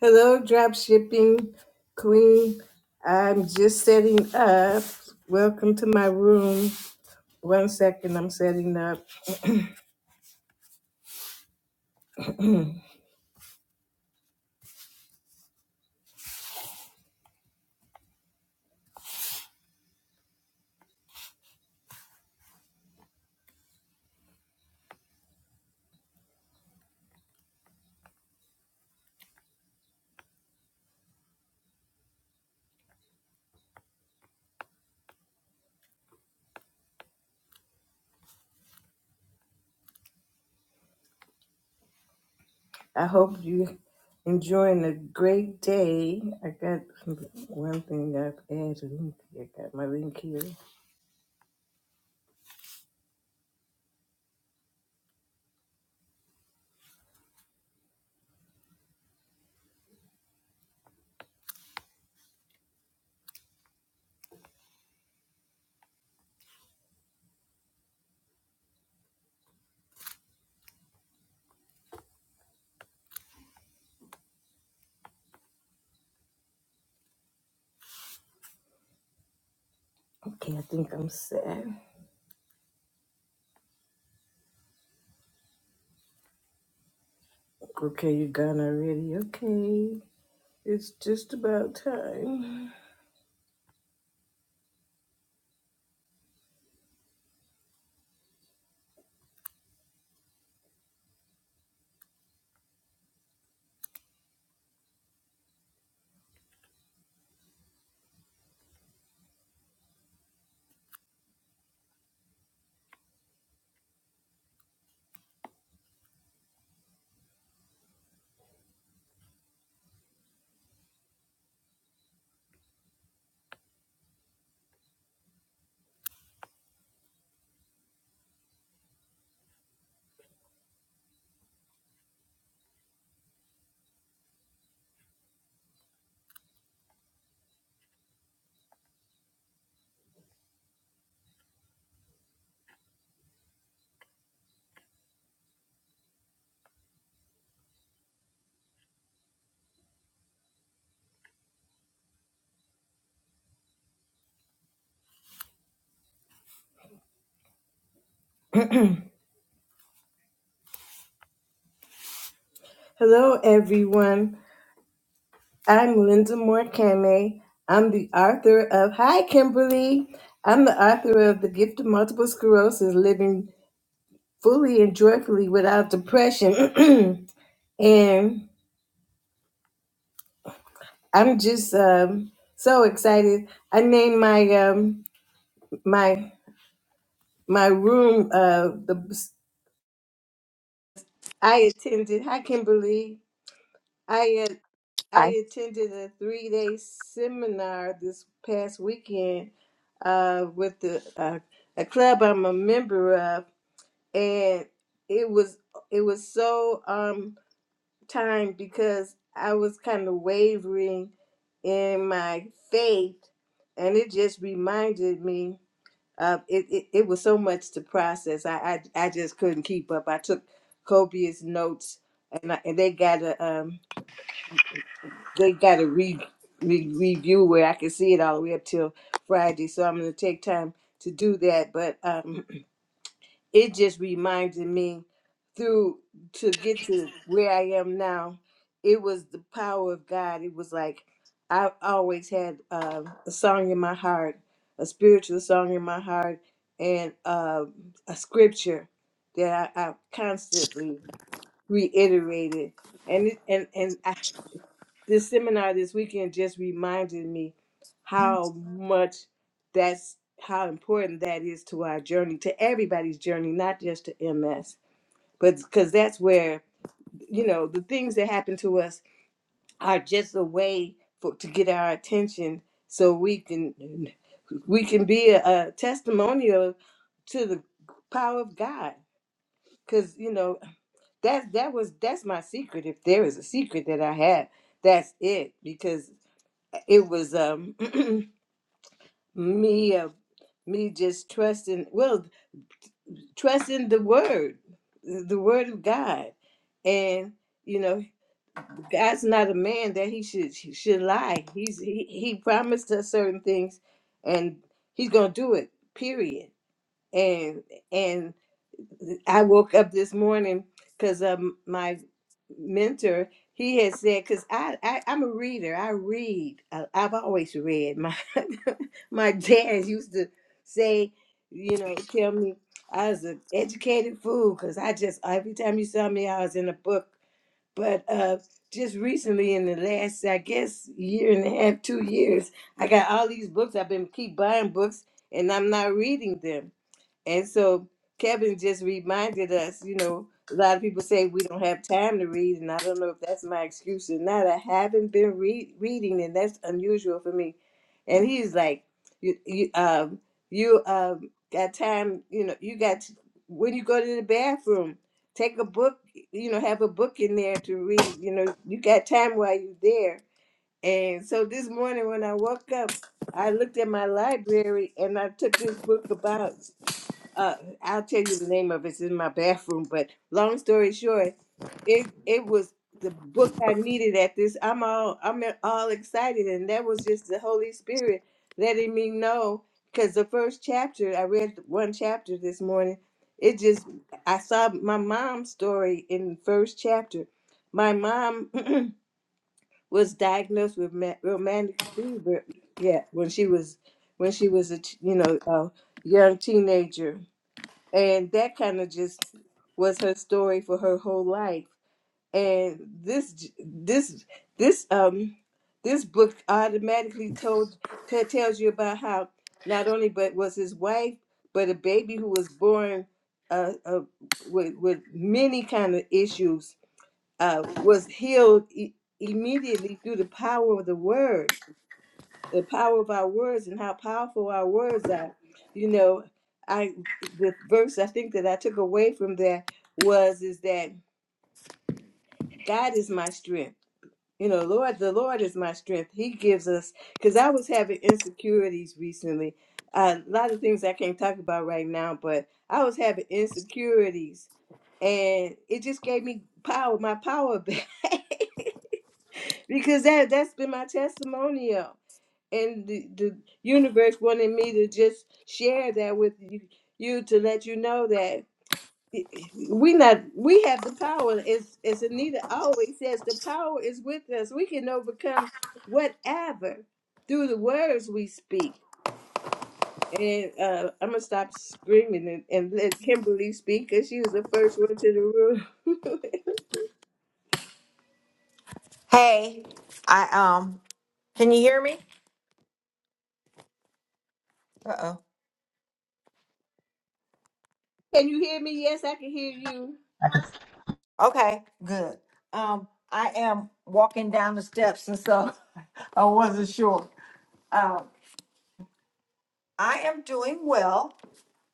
Hello, drop shipping queen. I'm just setting up. Welcome to my room. One second, I'm setting up. I hope you enjoying a great day. I got one thing I've added. I got my link here. Okay, I think I'm set. Okay, you're gone already. Okay, it's just about time. Hello, everyone. I'm Linda Moore Kame. I'm the author of Hi Kimberly. I'm the author of The Gift of Multiple Sclerosis Living Fully and Joyfully Without Depression. and I'm just um, so excited. I named my um, my my room uh, the I attended Hi Kimberly. I. uh, Hi. I attended a three day seminar this past weekend uh, with the uh, a club I'm a member of, and it was it was so um timed because I was kind of wavering in my faith, and it just reminded me of it. It, it was so much to process. I, I I just couldn't keep up. I took copious notes, and I, and they got a um they got a re, re review where I can see it all the way up till Friday. So I'm gonna take time to do that. But um, it just reminded me through to get to where I am now. It was the power of God. It was like I always had uh, a song in my heart, a spiritual song in my heart, and uh, a scripture that I, I constantly reiterated. And it, and and this seminar this weekend just reminded me how much that's how important that is to our journey to everybody's journey not just to ms but because that's where you know the things that happen to us are just a way for to get our attention so we can we can be a, a testimonial to the power of god because you know that that was that's my secret if there is a secret that i have that's it because it was um me uh, me just trusting well trusting the word the word of god and you know god's not a man that he should he should lie he's he, he promised us certain things and he's gonna do it period and and I woke up this morning because um my mentor he had said because I, I I'm a reader I read I, I've always read my my dad used to say you know tell me I was an educated fool because I just every time you saw me I was in a book but uh just recently in the last I guess year and a half two years I got all these books I've been keep buying books and I'm not reading them and so Kevin just reminded us, you know, a lot of people say we don't have time to read, and I don't know if that's my excuse or not. I haven't been re- reading, and that's unusual for me. And he's like, you, you, um, you um, got time, you know, you got t- when you go to the bathroom, take a book, you know, have a book in there to read. You know, you got time while you're there. And so this morning when I woke up, I looked at my library and I took this book about uh I'll tell you the name of it. It's in my bathroom, but long story short, it it was the book I needed at this. I'm all I'm all excited, and that was just the Holy Spirit letting me know. Because the first chapter I read one chapter this morning, it just I saw my mom's story in the first chapter. My mom was diagnosed with ma- romantic fever. Yeah, when she was when she was a ch- you know a young teenager and that kind of just was her story for her whole life and this this this um this book automatically told t- tells you about how not only but was his wife but a baby who was born uh, uh with with many kind of issues uh was healed e- immediately through the power of the word the power of our words and how powerful our words are. You know, I the verse I think that I took away from that was is that God is my strength. You know, Lord, the Lord is my strength. He gives us because I was having insecurities recently. Uh, a lot of things I can't talk about right now, but I was having insecurities, and it just gave me power, my power back, because that that's been my testimonial and the, the universe wanted me to just share that with you, you to let you know that we not we have the power as as anita always says the power is with us we can overcome whatever through the words we speak and uh i'm gonna stop screaming and, and let kimberly speak because she was the first one to the room Hey, I um, can you hear me? Uh can you hear me yes i can hear you oh. Okay, good. Um, I am walking down the steps, and so I wasn't sure. Um, I am doing well.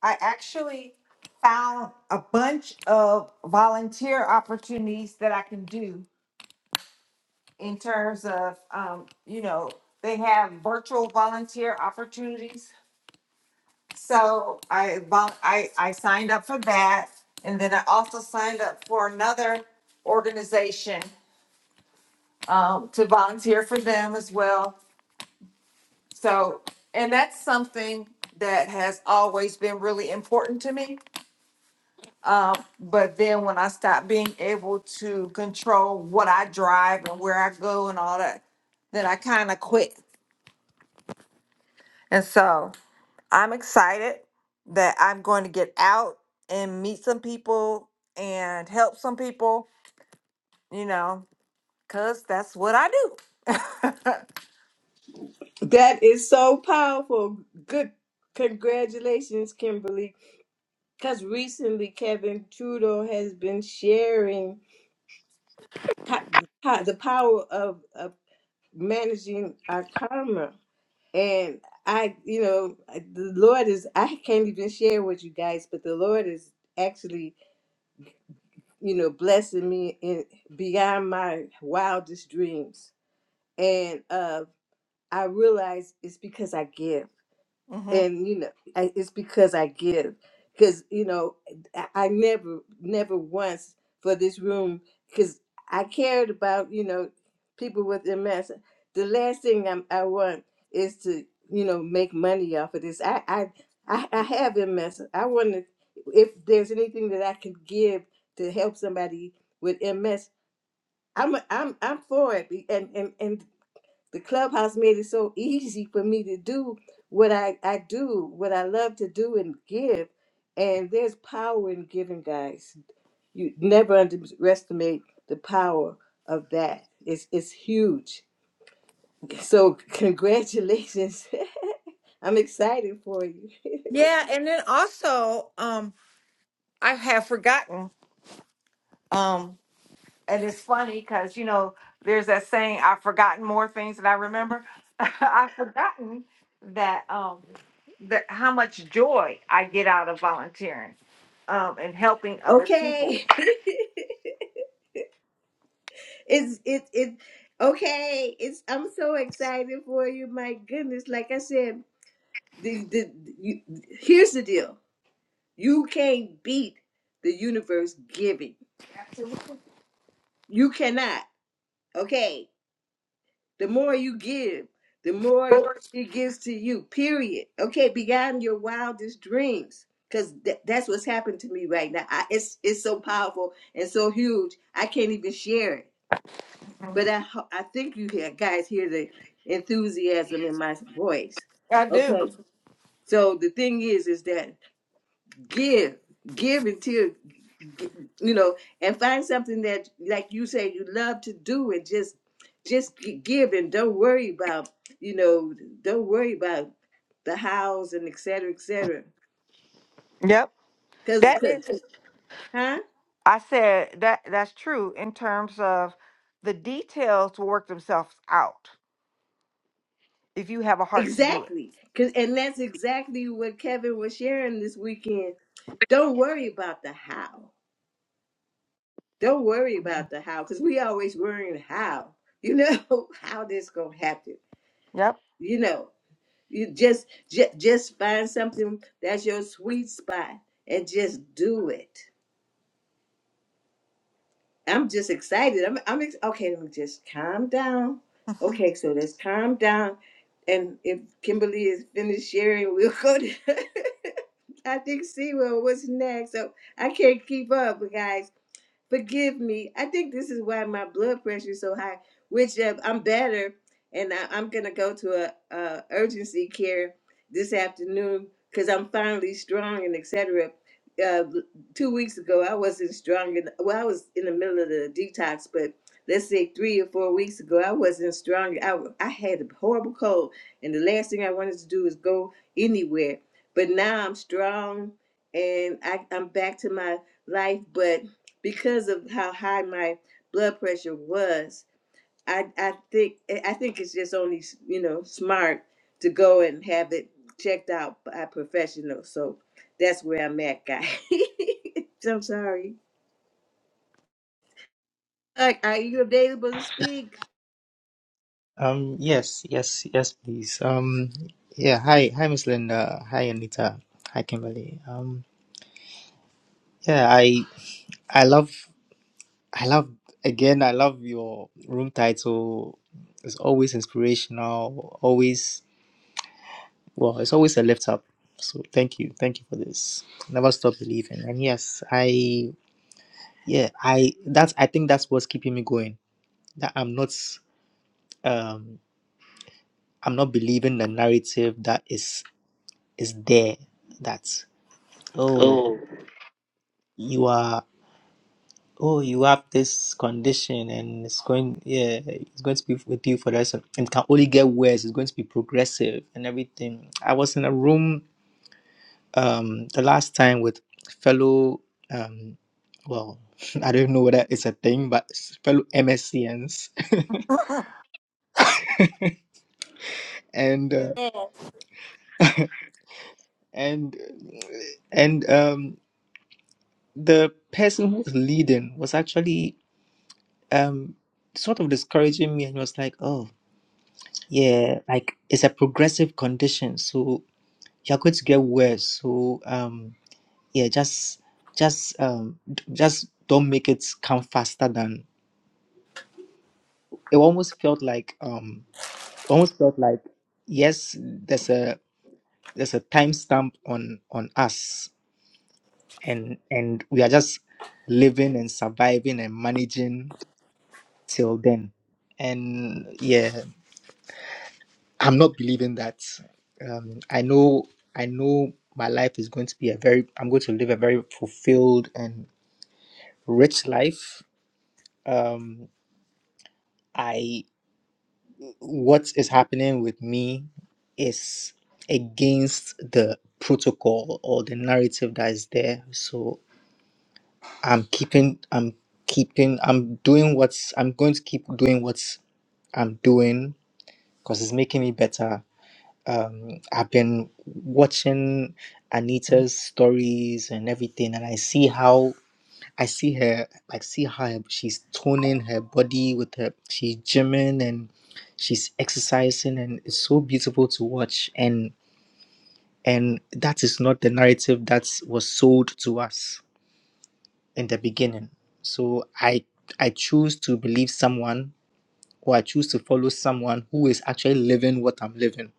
I actually found a bunch of volunteer opportunities that I can do in terms of um, you know, they have virtual volunteer opportunities So I vol- I I signed up for that, and then I also signed up for another organization um, to volunteer for them as well. So, and that's something that has always been really important to me. Um, but then when I stopped being able to control what I drive and where I go and all that, then I kind of quit. And so I'm excited that I'm going to get out and meet some people and help some people, you know, because that's what I do. that is so powerful good congratulations kimberly because recently Kevin Trudeau has been sharing how, how the power of, of managing our karma. And I, you know, the Lord is, I can't even share with you guys, but the Lord is actually, you know, blessing me in beyond my wildest dreams. And uh, I realize it's because I give. hmm and you know I, it's because i give because you know I, I never never once for this room because i cared about you know people with ms the last thing I'm, i want is to you know make money off of this i i i, I have ms i want to if there's anything that i can give to help somebody with ms i'm i'm i'm for it and and and the clubhouse made it so easy for me to do what I, I do, what I love to do and give. And there's power in giving, guys. You never underestimate the power of that. It's it's huge. So congratulations. I'm excited for you. Yeah. And then also, um, I have forgotten. Um, and it's funny because, you know, there's that saying, I've forgotten more things than I remember. I've forgotten that, um, that how much joy I get out of volunteering um, and helping other people. Okay. it's it it okay. It's I'm so excited for you. My goodness. Like I said, the the you, here's the deal You can't beat the universe giving. Absolutely. You cannot. Okay. The more you give, the more it gives to you, period. Okay. Beyond your wildest dreams. Because th- that's what's happened to me right now. I, it's, it's so powerful and so huge. I can't even share it. But I, ho- I think you hear, guys hear the enthusiasm in my voice. I do. Okay. So the thing is, is that give give until you know and find something that like you say you love to do and just just gi- give and don't worry about you know don't worry about the hows and et cetera et cetera Yep. because That is huh I said that that's true in terms of the details will work themselves out if you have a heart to do it. exactly because and that's exactly what kevin was sharing this weekend don't worry about the how don't worry Mhm. about the how because we always worrying how you know how this gonna happen Yep. you know You just just just find something that's your sweet spot and just do it. I'm just excited. I'm I'm ex- okay. Let me just calm down. Okay, so let's calm down. And if Kimberly is finished sharing, we'll go to I think see well what's next. So I can't keep up, guys. Forgive me. I think this is why my blood pressure is so high, which uh, I'm better. And I, I'm going to go to a, a urgency care this afternoon because I'm finally strong and etc. Uh, two weeks ago, I wasn't strong. And, well, I was in the middle of the detox, but let's say three or four weeks ago, I wasn't strong. I, w- I had a horrible cold. And the last thing I wanted to do is go anywhere. But now I'm strong and I, I'm back to my life. But because of how high my blood pressure was, I I think I think it's just only you know smart to go and have it checked out by professionals. So that's where I'm at, guy. I'm sorry. Are, are you available to speak? Um, yes, yes, yes, please. Um, yeah, hi, hi, Miss Linda. Hi, Anita. Hi, Kimberly. Um, yeah, I, I love, I love, again, I love your room title. It's always inspirational, always, well, it's always a lift up. So thank you. Thank you for this. Never stop believing. And yes, I, yeah, I, that's, I think that's what's keeping me going. That I'm not, um, I'm not believing the narrative that is is there that oh Oh. you are oh you have this condition and it's going yeah it's going to be with you for the rest of and it can only get worse it's going to be progressive and everything i was in a room um the last time with fellow um well i don't know whether it's a thing but fellow mscns and uh, and and um the person who was leading was actually um sort of discouraging me and he was like oh yeah like it's a progressive condition so you're going to get worse so um yeah just just um d- just don't make it come faster than it almost felt like um almost felt like yes there's a there's a timestamp on on us and and we are just living and surviving and managing till then and yeah I'm not believing that. Um, I know, I know, my life is going to be a very. I'm going to live a very fulfilled and rich life. Um, I what is happening with me is against the protocol or the narrative that is there. So I'm keeping. I'm keeping. I'm doing what's. I'm going to keep doing what's I'm doing because it's making me better um, I've been watching Anita's stories and everything, and I see how I see her, like see how her, she's toning her body with her, she's gymming and she's exercising, and it's so beautiful to watch. And and that is not the narrative that was sold to us in the beginning. So I I choose to believe someone, or I choose to follow someone who is actually living what I'm living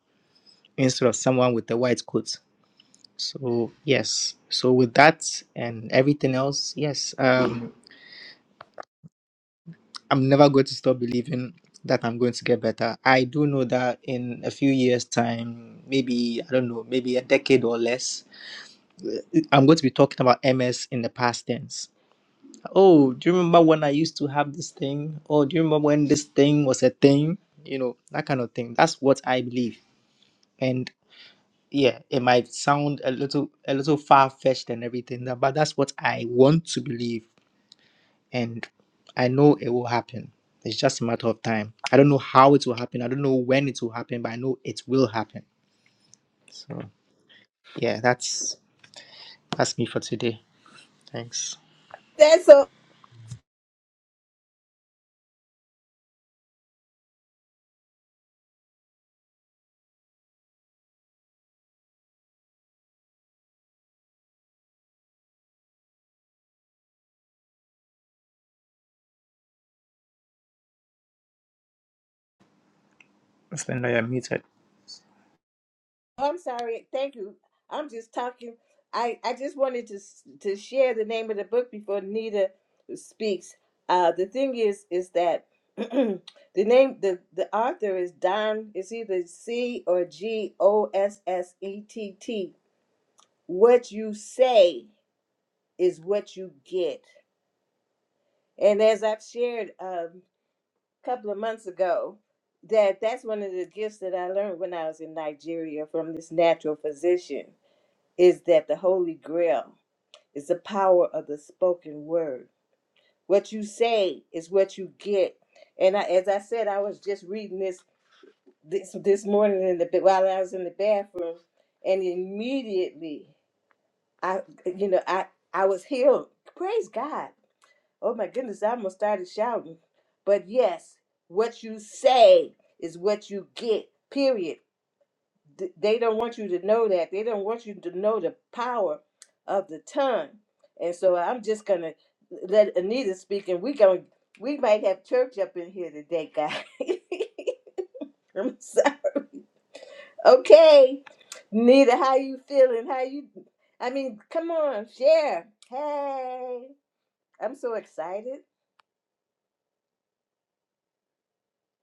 instead of someone with a white coat So yes. So with that and everything else, yes, um, I'm never going to stop believing that I'm going to get better. I do know that in a few years' time, maybe I don't know, maybe a decade or less, uh, I'm going to be talking about MS in the past tense. Oh, do you remember when I used to have this thing? Or do you remember when this thing was a thing? You know, that kind of thing. That's what I believe. And yeah, it might sound a little a little far fetched and everything, but that's what I want to believe and I know it will happen. It's just a matter of time. I don't know how it will happen. I don't know when it will happen, but I know it will happen. So yeah, that's that's me for today. Thanks. That's so Splenda, you're muted. Oh, I'm sorry. Thank you. I'm just talking. I, I just wanted to s- to share the name of the book before Nita speaks. Uh, the thing is is that the name the the author is Don. It's either C or G O S S E T T. What you say is what you get. And as I've shared um, a couple of months ago, that that's one of the gifts that I learned when I was in Nigeria from this natural physician is that the Holy Grail is the power of the spoken word. What you say is what you get. And I, as I said, I was just reading this this this morning in the ba- while I was in the bathroom, and immediately I, you know, I I was healed. Praise God! Oh my goodness, I almost started shouting. But yes, what you say is what you get. Period. th- they don't want you to know that. They don't want you to know the power of the tongue. And so I'm just gonna let Anita speak, and we going we might have church up in here today, guys. I'm so- okay, Anita, how you feeling? How you? I mean, come on, share. Hey, I'm so excited.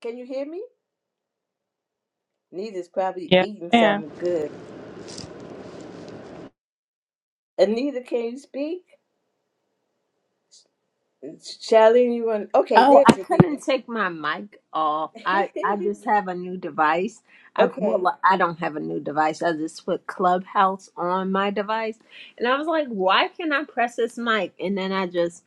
Can you hear me? Anita's probably Yes, eating ma'am. something good. Anita, can you speak? Charlene, you want? Okay, Oh, I there's Anita. couldn't take my mic off. I I just have a new device. I Okay. well, I don't have a new device. I just put Clubhouse on my device, and I was like, why can not I press this mic? And then I just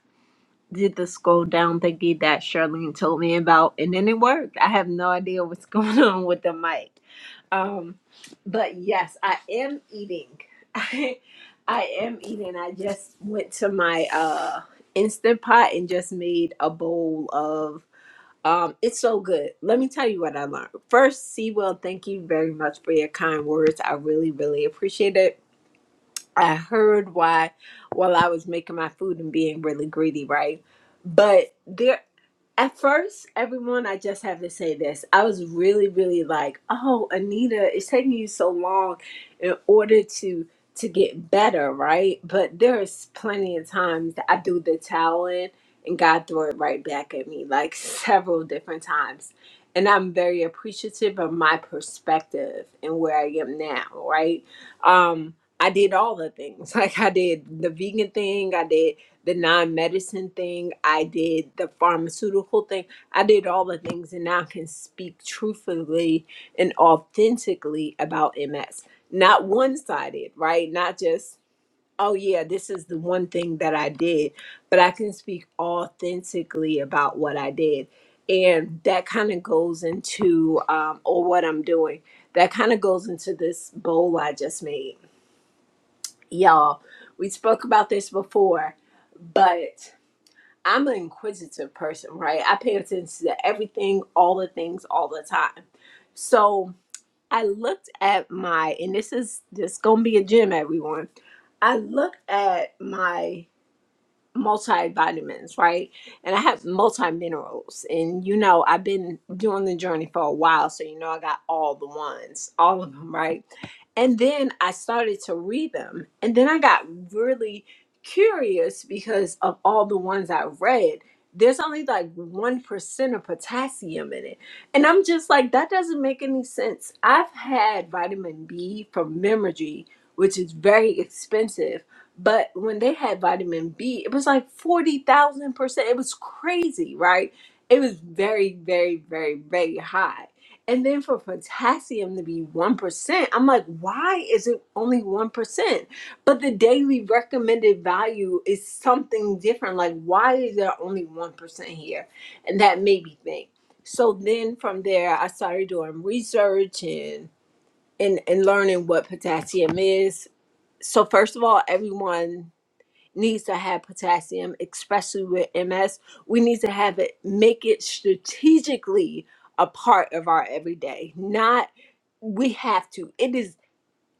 did the scroll down thingy that Charlene told me about, and then it worked. I have no idea what's going on with the mic. Um, but yes, I am eating. I I am eating. I just went to my uh Instant Pot and just made a bowl of um, it's so good. Let me tell you what I learned. First, Sewell, thank you very much for your kind words. I really, really appreciate it. I heard why while I was making my food and being really greedy, right? But there at first, everyone, I just have to say this. I was really, really like, oh, Anita, it's taking you so long in order to to get better, right? But there's plenty of times that I do the towel in and God threw it right back at me, like several different times. And I'm very appreciative of my perspective and where I am now, right? Um, I did all the things. Like I did the vegan thing, I did the non-medicine thing i did the pharmaceutical thing i did all the things and now I can speak truthfully and authentically about ms not one-sided right not just oh yeah this is the one thing that i did but i can speak authentically about what i did and that kind of goes into um, or what i'm doing that kind of goes into this bowl i just made y'all we spoke about this before but I'm an inquisitive person, right? I pay attention to everything, all the things, all the time. So I looked at my, and this is this gonna be a gem, everyone. I looked at my multivitamins, right? And I have multi minerals. And you know, I've been doing the journey for a while, so you know, I got all the ones, all of them, right? And then I started to read them. And then I got really curious because of all the ones I read. There's only like 1% of potassium in it. And I'm just like, that doesn't make any sense. I've had vitamin B from Memory, which is very expensive but when they had vitamin B, it was like 40,000%. It was crazy, right? It was very, very, very, very high. And then for potassium to be 1%, I'm like, why is it only 1%? But the daily recommended value is something different. Like, why is there only 1% here? And that made me think. So then from there, I started doing research and, and, and learning what potassium is. So, first of all, everyone needs to have potassium, especially with MS. We need to have it, make it strategically a part of our everyday. Not we have to. It is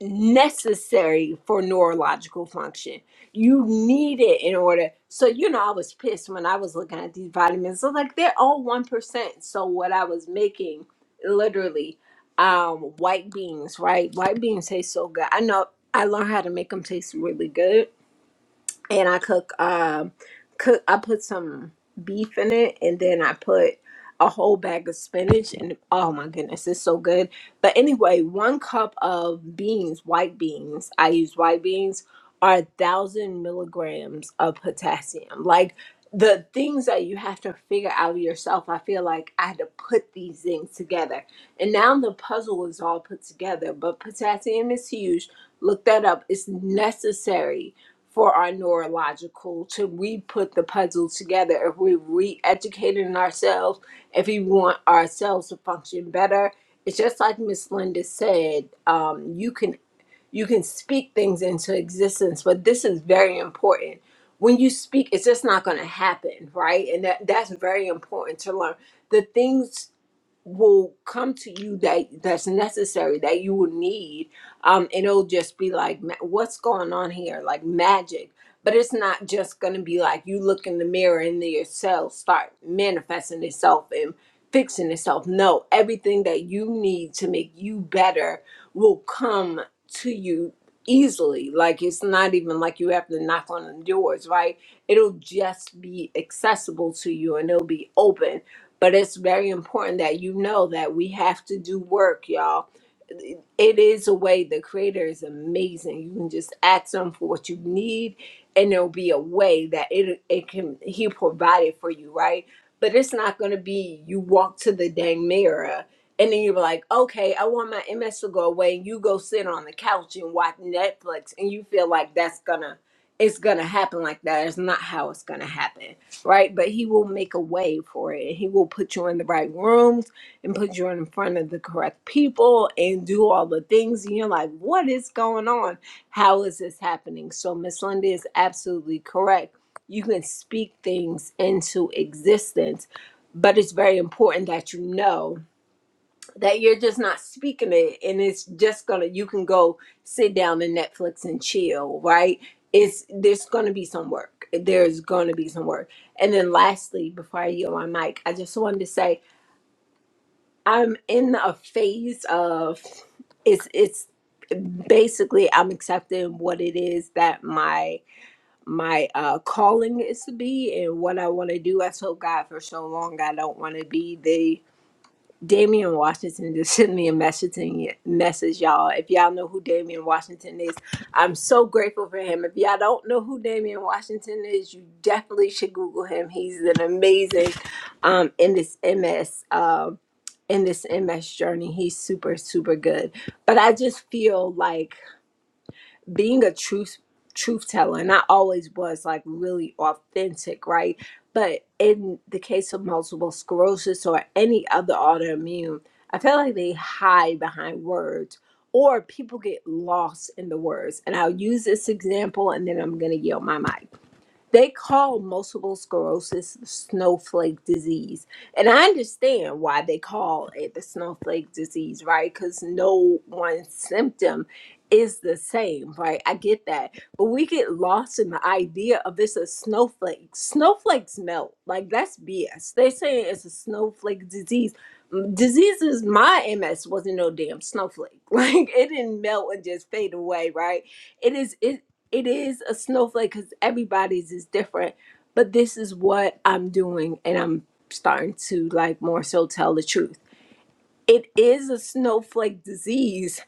necessary for neurological function. You need it in order. So, you know, I was pissed when I was looking at these vitamins. So, like, they're all 1%. So, what I was making literally, um, white beans, right? White beans taste so good. I know I learned how to make them taste really good and I cook um cook I put some beef in it and then I put a whole bag of spinach and oh my goodness, it's so good. But anyway, one cup of beans, white beans, I use white beans, are a thousand milligrams of potassium. Like the things that you have to figure out yourself, I feel like I had to put these things together. And now the puzzle is all put together, but potassium is huge. Look that up. It's necessary for our neurological to we put the puzzle together if we re-educating ourselves if we want ourselves to function better it's just like miss linda said um, you can you can speak things into existence but this is very important when you speak it's just not going to happen right and that, that's very important to learn the things will come to you that that's necessary that you will need um and it'll just be like ma- what's going on here like magic but it's not just going to be like you look in the mirror and then yourself start manifesting itself and fixing itself no everything that you need to make you better will come to you easily like it's not even like you have to knock on the doors right it'll just be accessible to you and it'll be open but it's very important that you know that we have to do work, y'all it is a way the creator is amazing you can just ask him for what you need and there'll be a way that it it can he provided for you right but it's not going to be you walk to the dang mirror and then you're like okay i want my ms to go away and you go sit on the couch and watch netflix and you feel like that's gonna it's gonna happen like that it's not how it's gonna happen right but he will make a way for it he will put you in the right rooms and put you in front of the correct people and do all the things and you're like what is going on how is this happening so miss linda is absolutely correct you can speak things into existence but it's very important that you know that you're just not speaking it and it's just gonna you can go sit down and netflix and chill right it's there's gonna be some work there's gonna be some work and then lastly before i yield my mic i just wanted to say I'm in a phase of it's it's basically I'm accepting what it is that my my uh calling is to be and what I want to do. I told God for so long I don't want to be the Damian Washington just sent me a message and message y'all. If y'all know who Damian Washington is, I'm so grateful for him. If y'all don't know who Damian Washington is, you definitely should Google him. He's an amazing um in this MS. um in this MS journey. He's super, super good. But I just feel like being a truth truth teller, and I always was like really authentic, right? But in the case of multiple sclerosis or any other autoimmune, I feel like they hide behind words or people get lost in the words. And I'll use this example and then I'm gonna yield my mic. They call multiple sclerosis snowflake disease. And I understand why they call it the snowflake disease, right? Because no one symptom is the same, right? I get that. But we get lost in the idea of it's a snowflake. Snowflakes melt. Like, that's BS. They're saying it's a snowflake disease. M- Diseases, my MS wasn't no damn snowflake. Like, it didn't melt and just fade away, right? It is it is a snowflake because everybody's is different but this is what i'm doing and i'm starting to like more so tell the truth it is a snowflake disease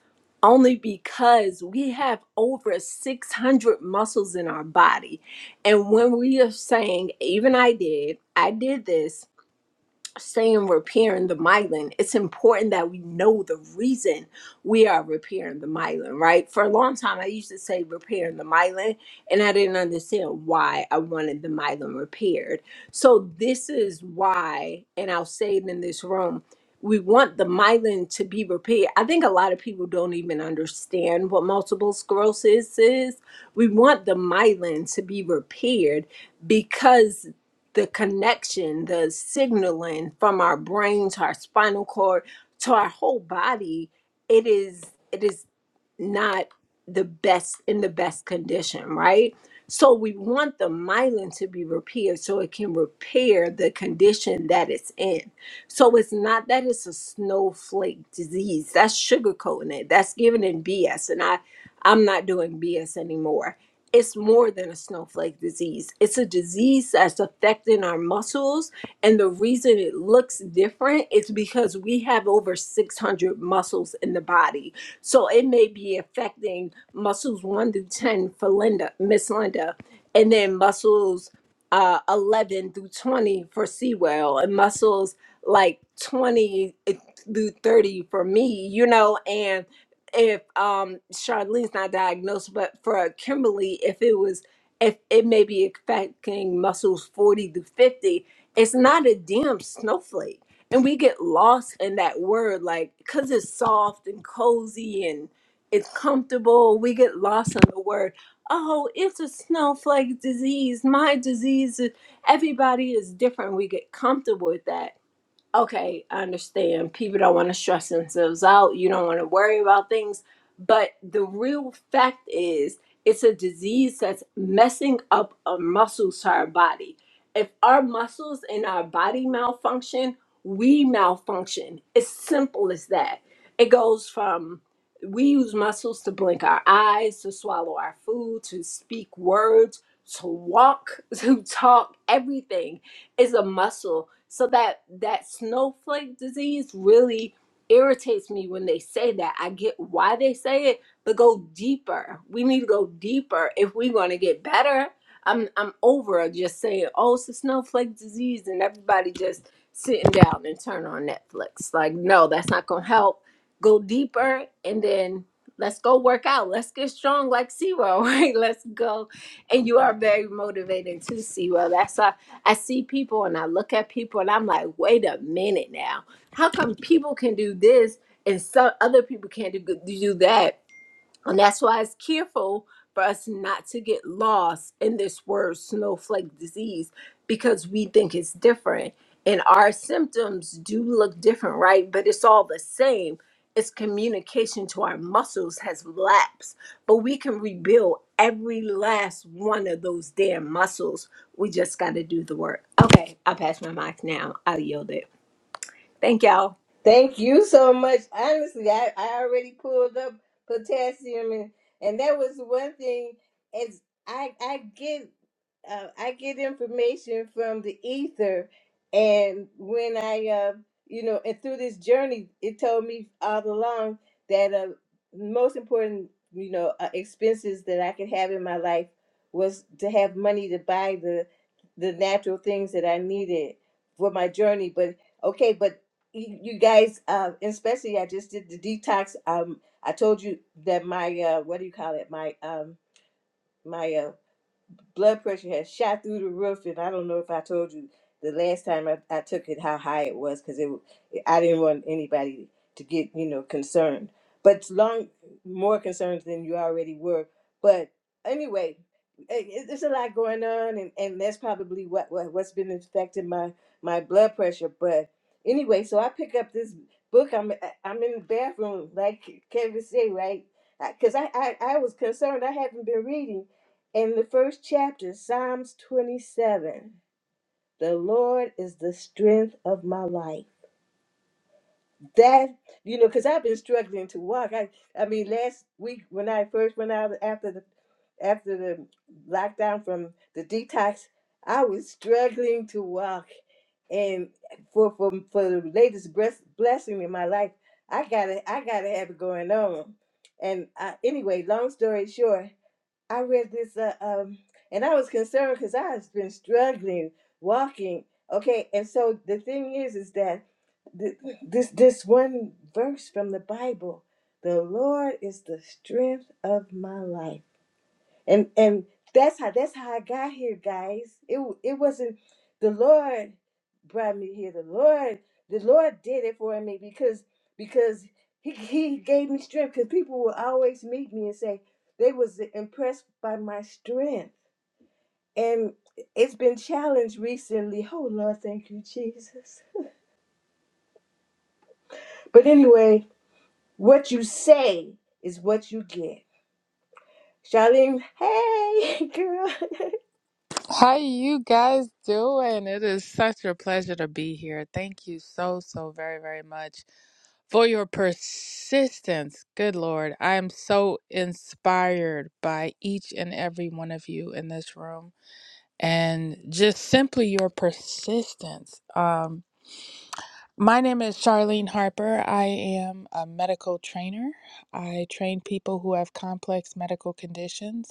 only because we have over 600 muscles in our body and when we are saying even i did i did this saying repairing the myelin, it's important that we know the reason we are repairing the myelin, right? For a long time, I used to say repairing the myelin, and I didn't understand why I wanted the myelin repaired. So, this is why, and I'll say it in this room. We want the myelin to be repaired. I think a lot of people don't even understand what multiple sclerosis is. We want the myelin to be repaired because the connection, the signaling from our brain to our spinal cord to our whole body, it is it is not the best in the best condition, right? So we want the myelin to be repaired so it can repair the condition that it's in. So it's not that it's a snowflake disease. That's sugarcoating it. That's giving it BS. And I I'm not doing BS anymore. It's more than a snowflake disease. It's a disease that's affecting our muscles. And the reason it looks different is because we have over 600 muscles in the body so it may be affecting muscles one through 10 for Linda, Miss Linda, and then muscles uh, 11 through 20 for Sewell, and muscles like 20 eh, through 30 for me, you know, and if um Charlene's not diagnosed, but for Kimberly, if it was, if it may be affecting muscles 40 to 50, it's not a damn snowflake and we get lost in that word like because it's soft and cozy and it's comfortable we get lost in the word oh it's a snowflake disease my disease is-" everybody is different we get comfortable with that Okay, I understand. People don't want to stress themselves out. You don't want to worry about things. But the real fact is, it's a disease that's messing up our muscles to our body. If our muscles in our body malfunction, we malfunction. It's simple as that. It goes from we use muscles to blink our eyes, to swallow our food, to speak words, to walk, to talk, everything is a muscle. So that that snowflake disease really irritates me when they say that. I get why they say it, but go deeper. We need to go deeper if we want to get better. I'm I'm over just saying, oh, it's a snowflake disease, and everybody just sitting down and turn on Netflix. Like, no, that's not gonna help. Go deeper, and then let's go work out. Let's get strong like Zero. Right? Let's go and you are very motivating to see That's That's I see people and I look at people and I'm like, wait a minute now. How come people can do this and some other people can't do, do that? And that's why it's careful for us not to get lost in this word snowflake disease because we think it's different. And our symptoms do look different, right? But it's all the same. It's communication to our muscles has lapsed, but we can rebuild every last one of those damn muscles. We just got to do the work. Okay, I'll pass my mic now. I'll yield it. Thank y'all. Thank you so much. Honestly, I, I already pulled up potassium and, and that was one thing is I I get uh, I get information from the ether and when I uh you know and through this journey it told me all along that uh most important you know uh, expenses that I could have in my life was to have money to buy the the natural things that I needed for my journey but okay, but you you guys, uh, especially I just did the detox. Um, I told you that my uh, what do you call it? My um, my uh, blood pressure has shot through the roof, and I don't know if I told you the last time I, I took it how high it was because it w- I didn't want anybody to get you know concerned, but it's long more concerned than you already were. But anyway, it, it- there's a lot going on, and, and that's probably what, what what's been affecting my my blood pressure. But anyway, so I pick up this book. I'm I- I'm in the bathroom, like Kevin said, right? Because I, 'cause I, I I was concerned. I haven't been reading, in the first chapter, Psalms 27, the Lord is the strength of my life. That, you know, because I've been struggling to walk. I, I mean, last week when I first went out after the after the lockdown from the detox, I was struggling to walk. And for for, for the latest breath, blessing in my life, I gotta I gotta have it going on. And I, anyway, long story short, I read this, uh, um, and I was concerned because I have been struggling walking. Okay, and so the thing is, is that th- this this one verse from the Bible, the Lord is the strength of my life and and that's how that's how I got here, guys. It w- it wasn't the Lord brought me here. The Lord the Lord did it for me because because he he gave me strength. Because people will always meet me and say they was impressed by my strength, and it's been challenged recently. Oh Lord, thank you, Jesus. But anyway, what you say is what you get. Charlene, hey girl. How you guys doing? It is such a pleasure to be here. Thank you so so very very much for your persistence. Good Lord, I am so inspired by each and every one of you in this room and just simply your persistence. Um my name is Charlene Harper. I am a medical trainer. I train people who have complex medical conditions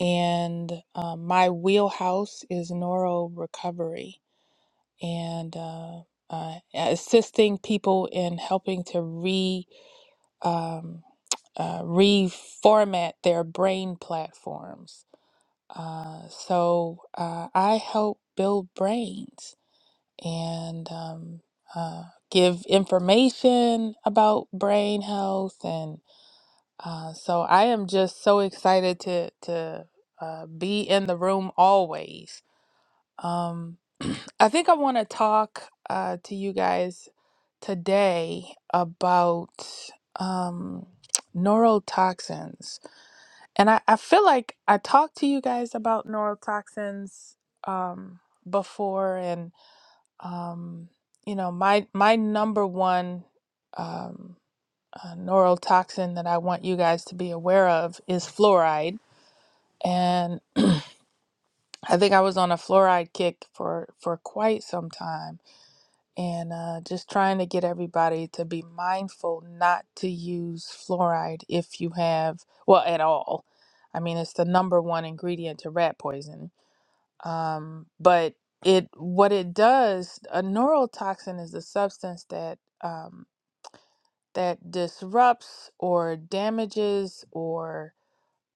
and um, my wheelhouse is neuro recovery and uh, uh, assisting people in helping to re um, uh, reformat their brain platforms. Uh, so uh, I help build brains and um, uh, give information about brain health and. Uh, so I am just so excited to to uh, be in the room always. Um, I think I want to talk uh, to you guys today about um, neurotoxins, and I, I feel like I talked to you guys about neurotoxins um, before, and um, you know my my number one. Um, uh, neurotoxin that I want you guys to be aware of is fluoride. And I think I was on a fluoride kick for, for quite some time and uh, just trying to get everybody to be mindful not to use fluoride if you have, well, at all. I mean, it's the number one ingredient to rat poison. Um, but it what it does, a neurotoxin is a substance that um, that disrupts or damages or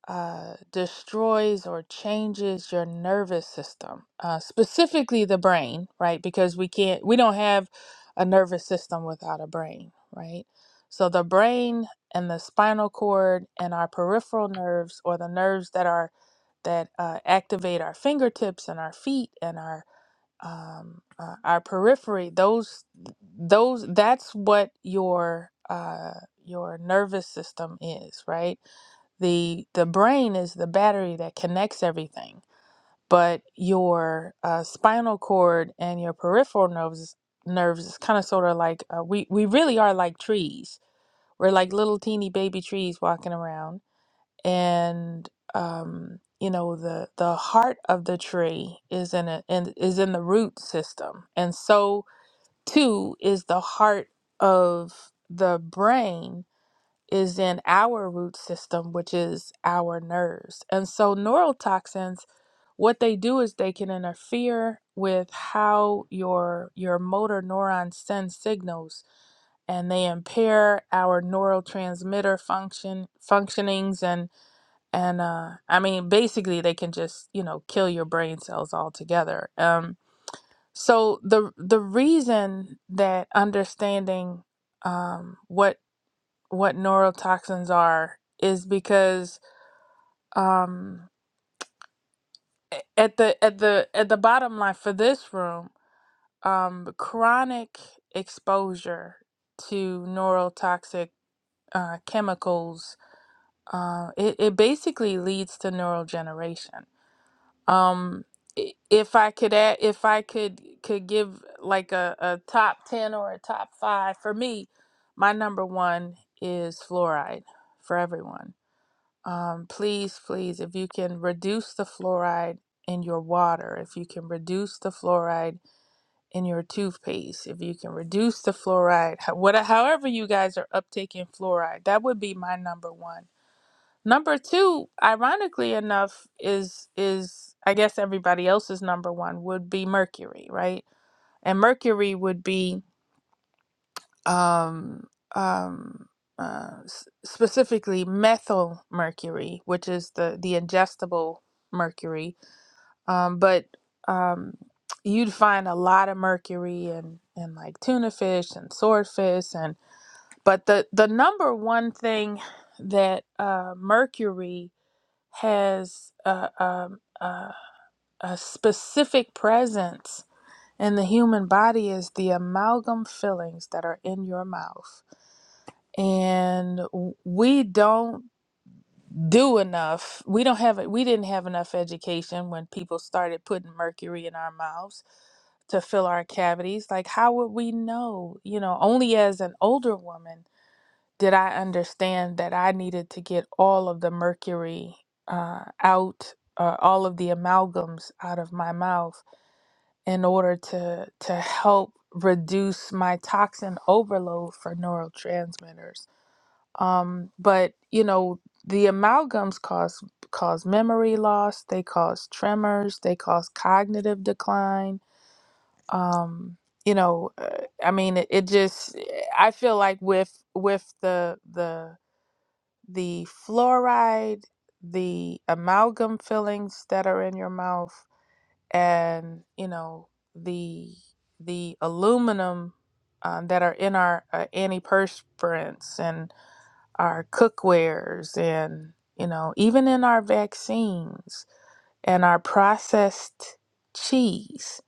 uh, destroys or changes your nervous system, uh, specifically the brain, right? Because we can't, we don't have a nervous system without a brain, right? So the brain and the spinal cord and our peripheral nerves, or the nerves that are that uh, activate our fingertips and our feet and our um, uh, our periphery, those those that's what your uh, your nervous system is, right? the the brain is the battery that connects everything but your uh, spinal cord and your peripheral nerves nerves is kind of sort of like uh, we we really are like trees we're like little teeny baby trees walking around and um you know the the heart of the tree is in a in, is in the root system and so too is the heart of the brain is in our root system, which is our nerves. And so, neurotoxins, what they do is they can interfere with how your your motor neurons send signals, and they impair our neurotransmitter function functionings. And and uh, I mean, basically, they can just you know kill your brain cells altogether. Um, so the the reason that understanding um, what what neurotoxins are is because um at the at the at the bottom line for this room um chronic exposure to neurotoxic uh, chemicals uh, it, it basically leads to neurogeneration um i- if i could add if i could could give like a, a top 10 or a top five for me my number one is fluoride for everyone Um, please, please, if you can reduce the fluoride in your water, if you can reduce the fluoride in your toothpaste, if you can reduce the fluoride, ho- what, however you guys are uptaking fluoride, that would be my number one. Number two, ironically enough, is is I guess everybody else's number one would be mercury, right? And mercury would be um, um, uh, s- specifically methyl mercury, which is the the ingestible mercury. Um, but um, you'd find a lot of mercury in in like tuna fish and swordfish, and but the the number one thing that uh, mercury has a, um a, a specific presence in the human body is the amalgam fillings that are in your mouth and w- we don't do enough we don't have it we didn't have enough education when people started putting mercury in our mouths to fill our cavities like how would we know you know only as an older woman did i understand that i needed to get all of the mercury uh, out uh, all of the amalgams out of my mouth in order to to help reduce my toxin overload for neurotransmitters um, but you know, the amalgams cause cause memory loss, they cause tremors, they cause cognitive decline. Um, you know, uh, I mean, it, it just I feel like with with the the the fluoride, the amalgam fillings that are in your mouth and, you know, the the aluminum um, that are in our uh, antiperspirants and our cookwares and you know even in our vaccines and our processed cheese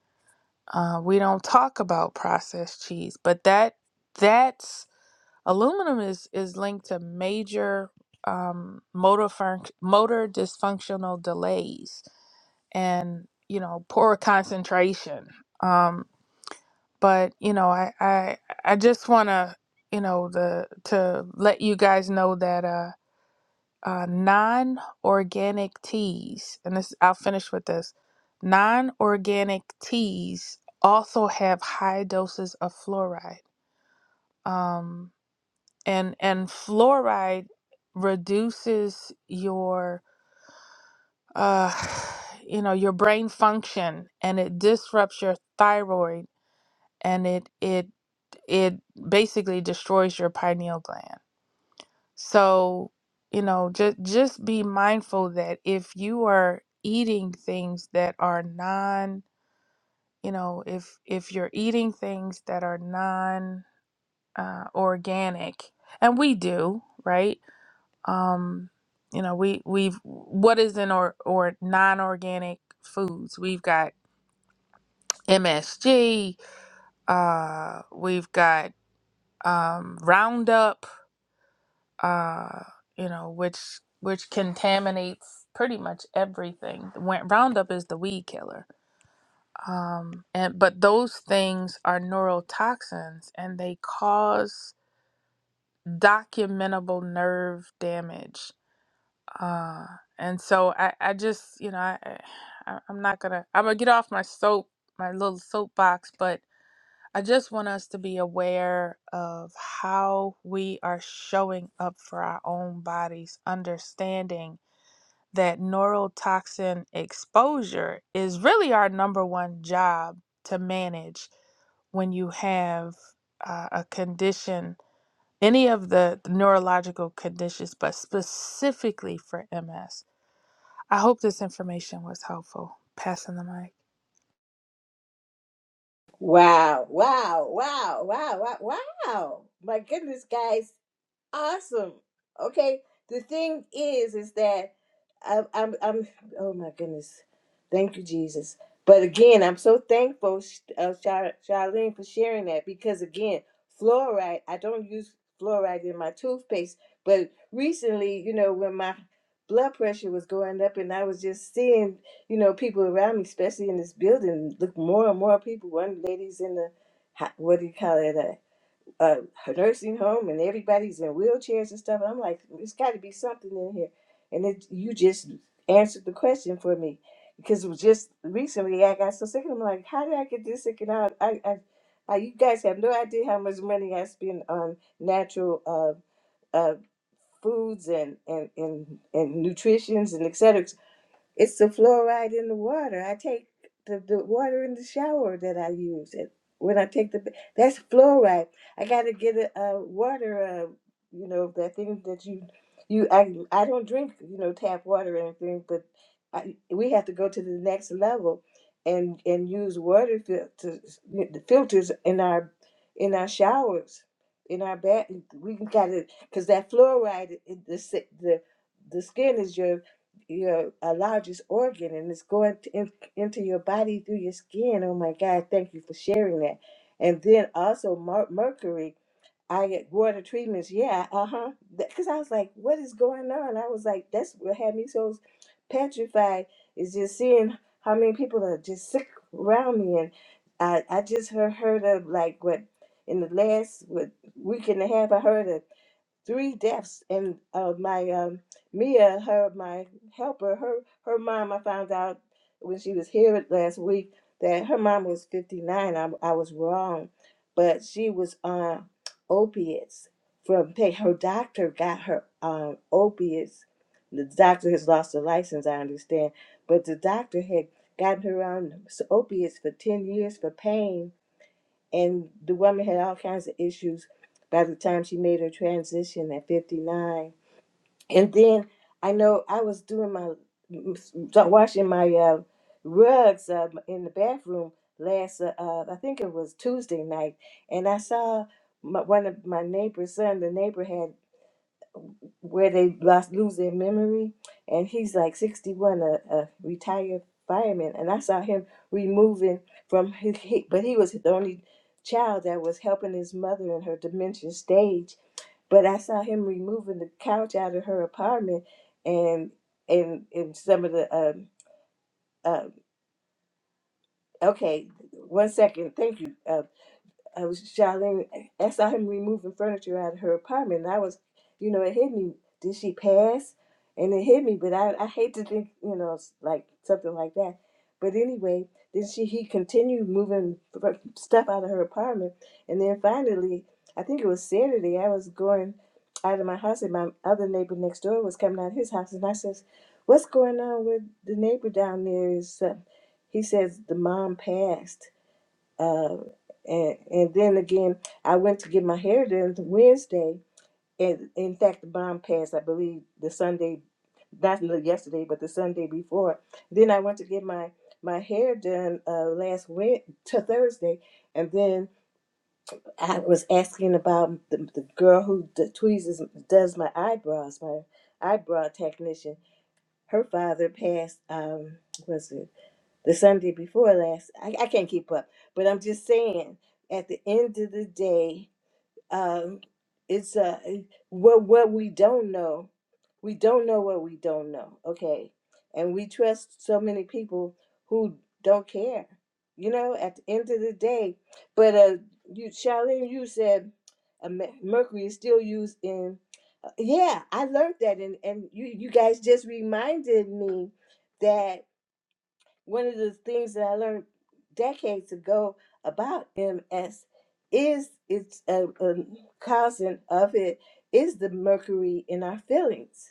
uh, we don't talk about processed cheese but that that's aluminum is is linked to major um, motor func- motor dysfunctional delays and you know poor concentration um, but you know I I, I just want to you know the to let you guys know that Uh, uh, non organic teas, and this I'll finish with this. Non organic teas also have high doses of fluoride, um, and and fluoride reduces your uh, you know your brain function, and it disrupts your thyroid, and it it it basically destroys your pineal gland. So, you know, just just be mindful that if you are eating things that are non, you know, if if you're eating things that are non uh, organic, and we do, right? Um, you know, we we've what is in or or non-organic foods? We've got MSG, uh, we've got um, Roundup uh, you know, which which contaminates pretty much everything. When- Roundup is the weed killer, um, and but those things are neurotoxins, and they cause documentable nerve damage. Uh, and so I, I just, you know, I, I, I'm not gonna, I'm gonna get off my soap, my little soapbox, but I just want us to be aware of how we are showing up for our own bodies, understanding that neurotoxin exposure is really our number one job to manage when you have uh, a condition, any of the neurological conditions, but specifically for MS. I hope this information was helpful. Passing the mic. Wow, wow, wow, wow, wow, wow. My goodness, guys awesome. Okay. The thing is, is that I'm, I'm, I'm. Oh my goodness, thank you, Jesus. But again, I'm so thankful, Sh- uh, Char- Charlene, for sharing that because again, fluoride. I don't use fluoride in my toothpaste, but recently, you know, when my blood pressure was going up, and I was just seeing, you know, people around me, especially in this building, look more and more people. One lady's in the, ho- what do you call it? a, a nursing home and everybody's in wheelchairs and stuff. I'm like, there's got to be something in here. And it, you just answered the question for me because it was just recently I got so sick. I'm like, how did I get this sick? And I, I, I, I you guys have no idea how much money I spend on natural uh, uh, foods and and and, and nutritions and et cetera. It's the fluoride in the water. I take the, the water in the shower that I use it when I take the ba- that's fluoride. I got to get a, a water, uh, you know, that thing that you you I I don't drink, you know, tap water or anything, but I, we have to go to the next level and and use water filters the filters in our in our showers in our bath. We got to because that fluoride in the si- the the skin is your your a largest organ and it's going to, in, into your body through your skin. Oh my God, thank you for sharing that. And then also mer- mercury, I get water treatments. Yeah, uh huh. Because I was like, what is going on? I was like, that's what had me so petrified is just seeing how many people are just sick around me. And I, I just heard, heard of like what in the last what, week and a half, I heard of three deaths and uh, my um, Mia, her my helper, her her mom. I found out when she was here last week that her mom was 59. I I was wrong, but she was on opiates from pa- her doctor got her on opiates. The doctor has lost her license, I understand, but the doctor had gotten her on s- opiates for 10 years for pain and the woman had all kinds of issues by the time she made her transition at 59. And then I know I was doing my washing my uh, rugs uh, in the bathroom last. Uh, uh, I think it was Tuesday night, and I saw my, one of my neighbor's son. The neighbor had where they lost, lose their memory. And he's like 61, a, a retired fireman. And I saw him removing from his, he, but he was the only child that was helping his mother in her dementia stage. But I saw him removing the couch out of her apartment and and and some of the um, uh, okay, one second, thank you. Uh, I was shouting, I saw him removing furniture out of her apartment. And I was, you know, it hit me. Did she pass? And it hit me, but I, I hate to think, you know, it's like something like that. But anyway, then she he continued moving f- stuff out of her apartment, and then finally, I think it was Saturday. I was going out of my house, and my other neighbor next door was coming out of his house, and I says, "What's going on with the neighbor down there?" Is uh, he says the mom passed, uh, and, and then again, I went to get my hair done Wednesday. And in fact, the bomb passed, I believe, the Sunday, not the- yesterday, but the Sunday before. Then I went to get my, my hair done uh, last Wed to Thursday. And then I was asking about the, the girl who d- tweezes, does my eyebrows, my eyebrow technician. Her father passed, um, was it? the Sunday before last. I, I can't keep up, but I'm just saying. At the end of the day, um, it's uh, what what we don't know. We don't know what we don't know. Okay, and we trust so many people who don't care. You know, at the end of the day, but uh, you, Charlene, you said. uh, mer- Mercury is still used in uh, yeah. I learned that, and and you you guys just reminded me that one of the things that I learned decades ago about MS is it's a, a cousin of it is the mercury in our feelings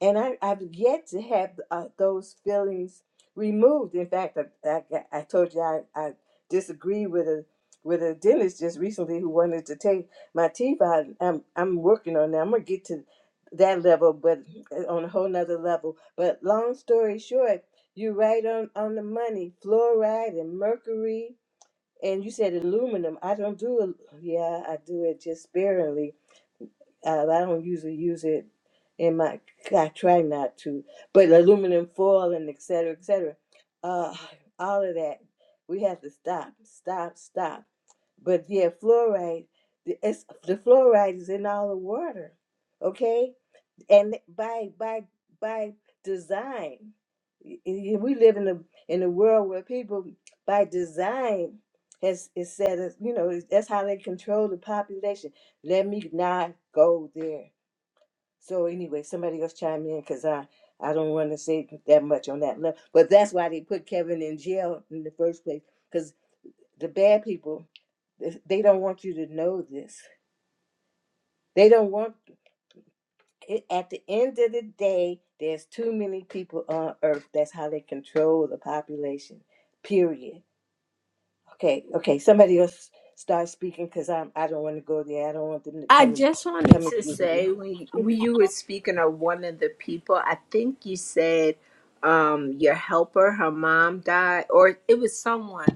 and I, I've yet to have uh, those feelings removed. In fact, I, I, I told you I, I disagree with a with a dentist just recently who wanted to take my teeth out. I'm I'm working on that. I'm gonna get to that level, but uh, on a whole nother level. But long story short, you're right on on the money. Fluoride and mercury, and you said aluminum. I don't do it. Yeah, I do it just sparingly uh, I don't usually use it in my. I try not to, but aluminum foil and et cetera, et cetera. Uh, all of that, we have to stop, stop, stop. But yeah, fluoride. the- It's the fluoride is in all the water. Okay, and by by by design y- y- we live in a in a world where people by design has is said as- you know that's how they control the population let me not go there so anyway somebody else chime in because i i don't want to say that much on that level but that's why they put kevin in jail in the first place because the bad people they they don't want you to know this they don't want it, at the end of the day, there's too many people on earth. That's how they control the population. Period. Okay, okay. Somebody else start speaking because I'm I don't want to go there. I don't want them to I come and just wanted come and to get me. say when you, when you were speaking of one of the people, I think you said um, your helper, her mom died, or it was someone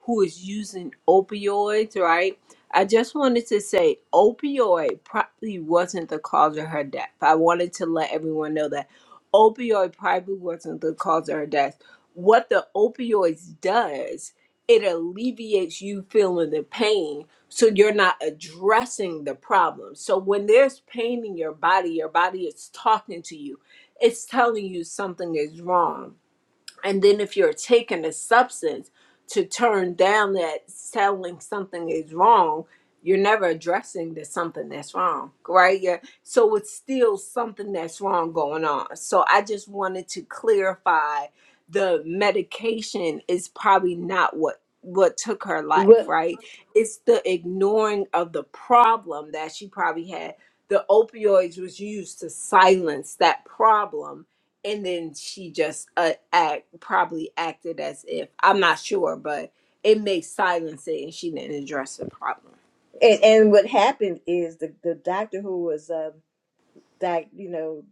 who is using opioids, right? I just wanted to say opioid probably wasn't the cause of her death. I wanted to let everyone know that opioid probably wasn't the cause of her death. What the opioids does, it alleviates you feeling the pain so you're not addressing the problem. So when there's pain in your body, your body is talking to you. It's telling you something is wrong and then if you're taking a substance to turn down that telling something is wrong, you're never addressing that something that's wrong, right? Yeah. So it's still something that's wrong going on. So I just wanted to clarify the medication is probably not what what took her life, What right? It's the ignoring of the problem that she probably had. The opioids was used to silence that problem and then she just uh, act probably acted as if I'm not sure, but it may silence it, and she didn't address the problem. and, and what happened is the, the doctor who was um like you know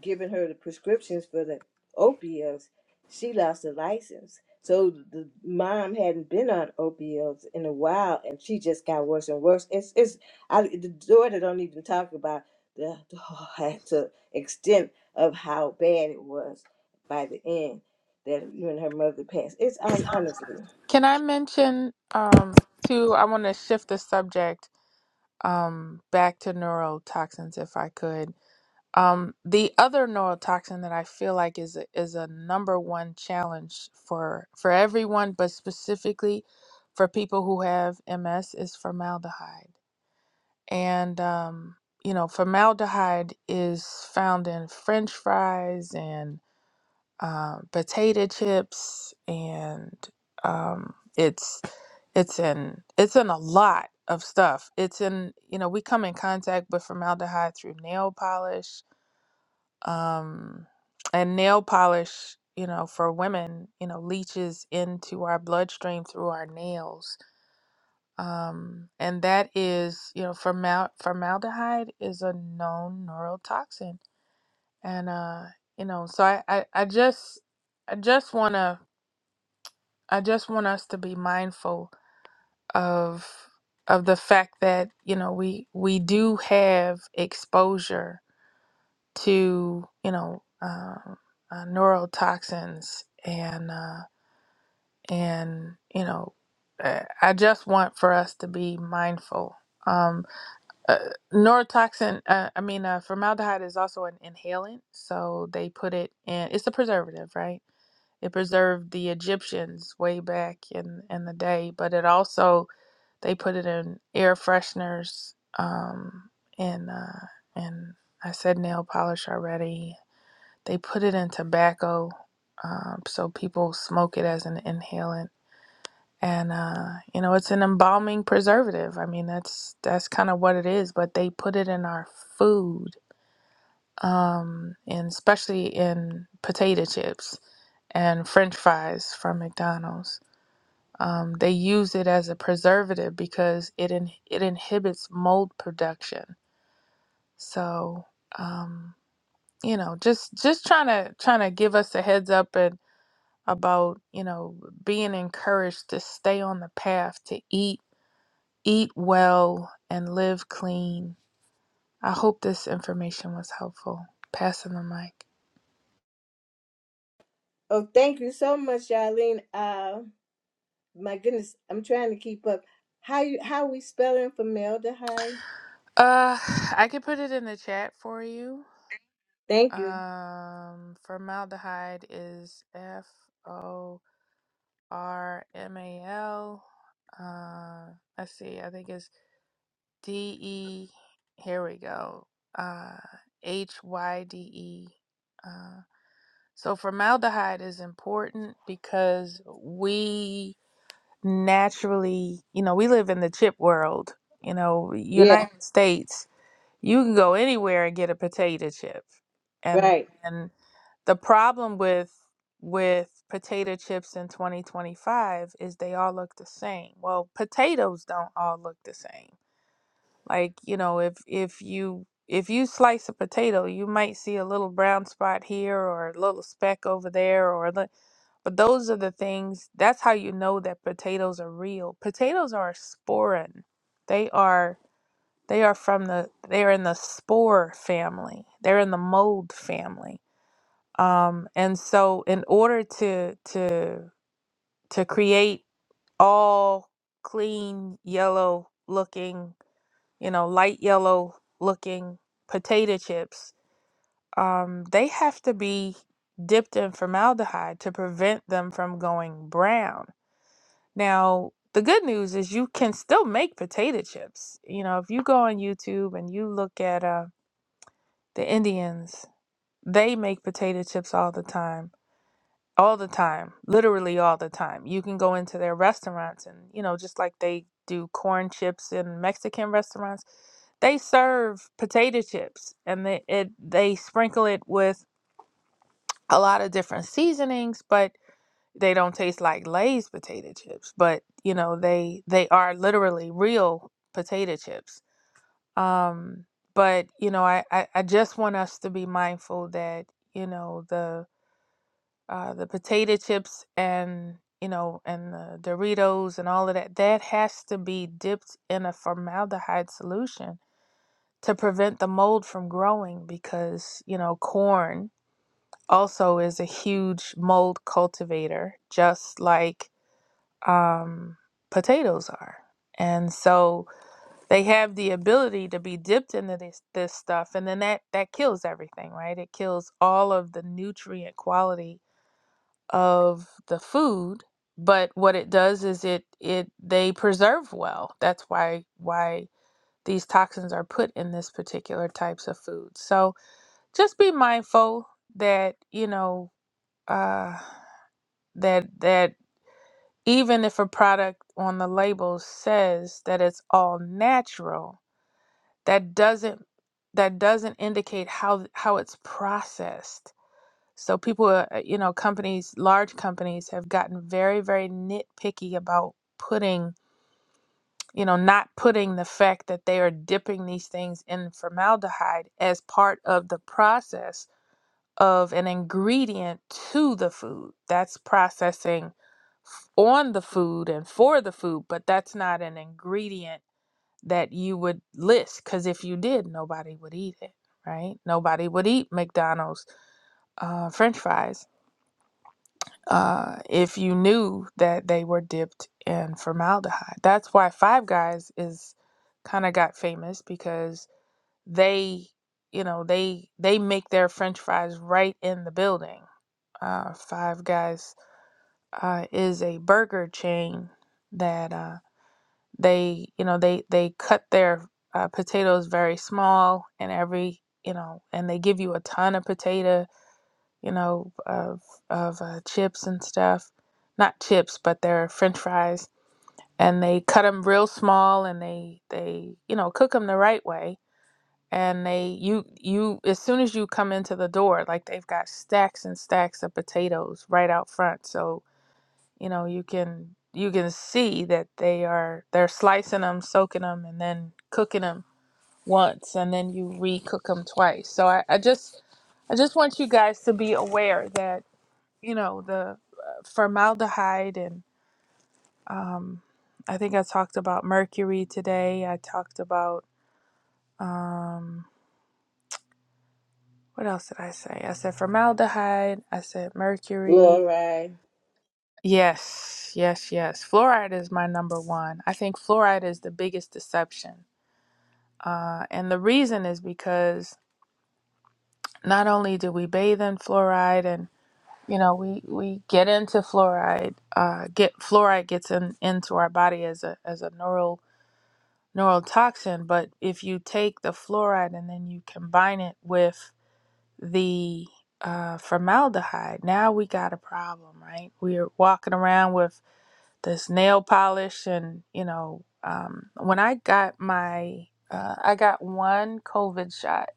giving her the prescriptions for the opioids she lost her license so the mom hadn't been on opioids in a while and she just got worse and worse it's it's I, the daughter don't even talk about the, the to extent of how bad it was by the end that when her mother passed it's hon- honestly Can I mention um, too? I want to shift the subject um, back to neurotoxins if I could. Um, the other neurotoxin that I feel like is a, is a number one challenge for for everyone, but specifically for people who have MS, is formaldehyde. And um, you know, formaldehyde is found in French fries and uh, potato chips and um, it's it's in it's in a lot of stuff it's in you know we come in contact with formaldehyde through nail polish um, and nail polish you know for women you know leaches into our bloodstream through our nails um, and that is you know formal formaldehyde is a known neurotoxin and uh you know so i i, I just i just want to I just want us to be mindful of of the fact that you know we we do have exposure to you know um uh, neurotoxins and uh, and you know uh, I just want for us to be mindful. Um, uh, neurotoxin, uh, I mean, uh, formaldehyde is also an inhalant, so they put it in. It's a preservative, right? It preserved the Egyptians way back in in the day, but it also they put it in air fresheners um, and uh, and I said nail polish already. They put it in tobacco, um, so people smoke it as an inhalant. And uh, you know it's an embalming preservative. I mean that's that's kind of what it is. But they put it in our food, um, and especially in potato chips and French fries from McDonald's. Um, they use it as a preservative because it in, it inhibits mold production. So um, you know, just just trying to trying to give us a heads up and about you know being encouraged to stay on the path to eat eat well and live clean. I hope this information was helpful. Passing the mic. oh thank you so much charlene uh my goodness i'm trying to keep up how you how we spelling formaldehyde Uh, I could put it in the chat for you. Thank you. Um, formaldehyde is F O. R M A L. Uh, let's see. I think it's D E. Here we go. Uh, H Y D E. Uh, so formaldehyde is important because we naturally, you know, we live in the chip world. You know, Yeah, United States. You can go anywhere and get a potato chip, and right. and the problem with with potato chips in 2025 is they all look the same. Well, potatoes don't all look the same. Like, you know, if if you if you slice a potato, you might see a little brown spot here or a little speck over there or the, but those are the things that's how you know that potatoes are real. Potatoes are sporin. They are they are from the they are in the spore family. They're in the mold family um, and so in order to to to create all clean yellow looking you know light yellow looking potato chips um, they have to be dipped in formaldehyde to prevent them from going brown now the good news is you can still make potato chips you know if you go on youtube and you look at uh, the indians they make potato chips all the time all the time, literally all the time. You can go into their restaurants and, you know, just like they do corn chips in Mexican restaurants, they serve potato chips and they it they sprinkle it with a lot of different seasonings, but they don't taste like Lay's potato chips, but you know, they they are literally real potato chips. Um but you know, I, I, I just want us to be mindful that, you know, the uh, the potato chips and you know and the Doritos and all of that that has to be dipped in a formaldehyde solution to prevent the mold from growing because you know corn also is a huge mold cultivator just like um, potatoes are and so they have the ability to be dipped into this this stuff and then that that kills everything right it kills all of the nutrient quality of the food but what it does is it it they preserve well that's why why these toxins are put in this particular types of food so just be mindful that you know uh that that even if a product on the label says that it's all natural that doesn't that doesn't indicate how how it's processed So people, are- uh, you know, companies, large companies have gotten very, very nitpicky about putting, you know, not putting the fact that they are dipping these things in formaldehyde as part of the process of an ingredient to the food. That's processing f- on the food and for the food, but that's not an ingredient that you would list because if you did, nobody would eat it, right? Nobody would eat McDonald's uh, French fries uh, if you knew that they were dipped in formaldehyde. That's why Five Guys is kind of got famous because they, you know, they they make their French fries right in the building. Uh, Five Guys uh, is a burger chain that uh, they, you know, they they cut their uh, potatoes very small and every, you know, and they give you a ton of potatoes you know, of of uh, chips and stuff. Not chips, but they're French fries, and they cut them real small, and they they you know cook them the right way. And they you you as soon as you come into the door, like they've got stacks and stacks of potatoes right out front, so you know you can you can see that they are they're slicing them, soaking them, and then cooking them once, and then you re-cook them twice. So I, I just I just want you guys to be aware that you know, the uh, formaldehyde and um, I think I talked about mercury today. I talked about um, what else did I say? I said formaldehyde. I said mercury. Glory. Yes, yes, yes. Fluoride is my number one. I think fluoride is the biggest deception. Uh, and the reason is because not only do we bathe in fluoride and you know we, we get into fluoride uh, get fluoride gets in, into our body as a as a neural neurotoxin, but if you take the fluoride and then you combine it with the uh, formaldehyde, now we got a problem, right? We're walking around with this nail polish, and you know, um, when I got my, uh, I got one COVID shot,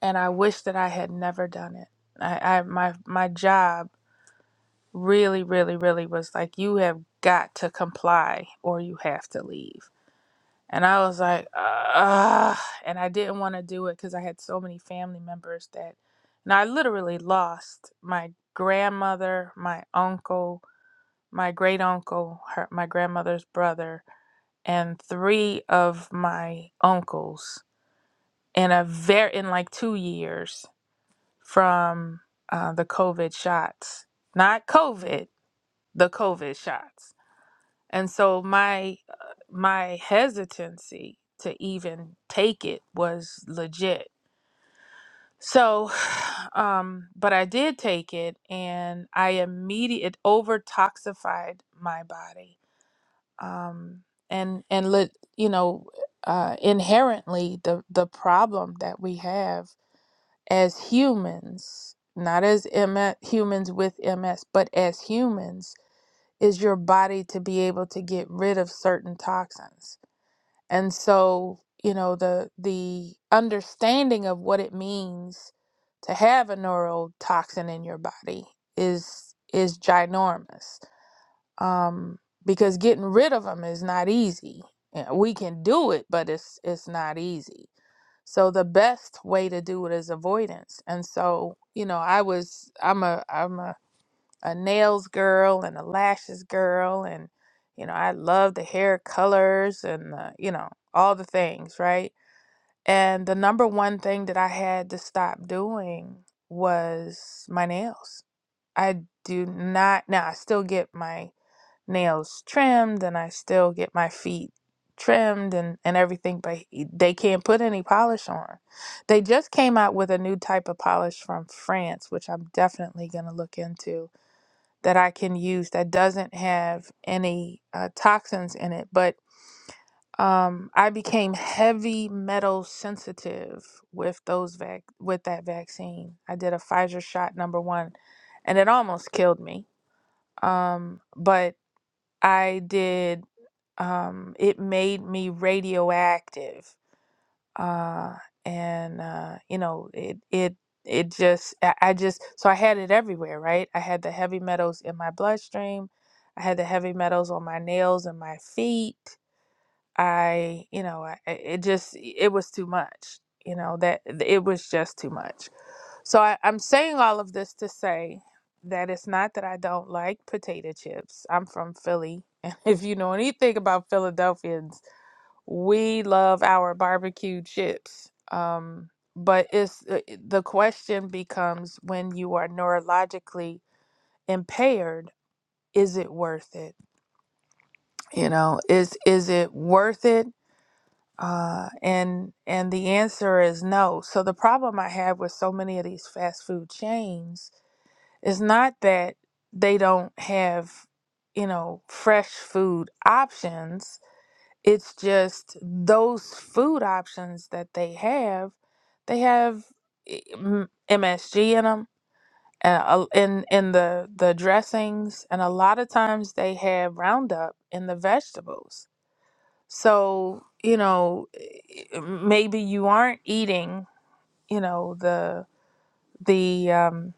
and I wish that I had never done it. I, I my my job really, really, really was like, you have got to comply or you have to leave and I was like, ah, and I didn't want to do it because I had so many family members that, and I literally lost my grandmother, my uncle, my great uncle, her, my grandmother's brother, and three of my uncles in a very in like two years from uh, the COVID shots, not COVID, the COVID shots. And so my uh, my hesitancy to even take it was legit. So um but I did take it and I immediately it over toxified my body. Um and and let you know uh inherently the the problem that we have as humans, not as MS, humans with MS, but as humans is your body to be able to get rid of certain toxins And so, you know, the the understanding of what it means to have a neurotoxin in your body is is ginormous. Um, because getting rid of them is not easy. Yeah, We can do it, but it's it's not easy. So the best way to do it is avoidance. And so, you know, I was I'm a I'm a a nails girl and a lashes girl and you know i love the hair colors and uh, you know all the things right and the number one thing that i had to stop doing was my nails i do not now i still get my nails trimmed and i still get my feet trimmed and, and everything but they can't put any polish on they just came out with a new type of polish from france which i'm definitely going to look into that I can use that doesn't have any uh, toxins in it. But um, I became heavy metal sensitive with those vac- with that vaccine. I did a Pfizer shot number one, and it almost killed me. Um, but I did. Um, it made me radioactive uh and uh you know it it it just I, I just so i had it everywhere right i had the heavy metals in my bloodstream i had the heavy metals on my nails and my feet i you know I, I- it just it was too much you know that it was just too much so I, i'm saying all of this to say that it's not that i don't like potato chips i'm from philly and if you know anything about Philadelphians we love our barbecue chips. Um, but it's uh, it- the question becomes when you are neurologically impaired, is it worth it? You know, is is it worth it? Uh, and and the answer is no. So the problem I have with so many of these fast food chains is not that they don't have, you know, fresh food options It's just those food options that they have, they have i- m- MSG in them and a- in in the the dressings and a lot of times they have Roundup in the vegetables. So, you know, i- maybe you aren't eating, you know, the the um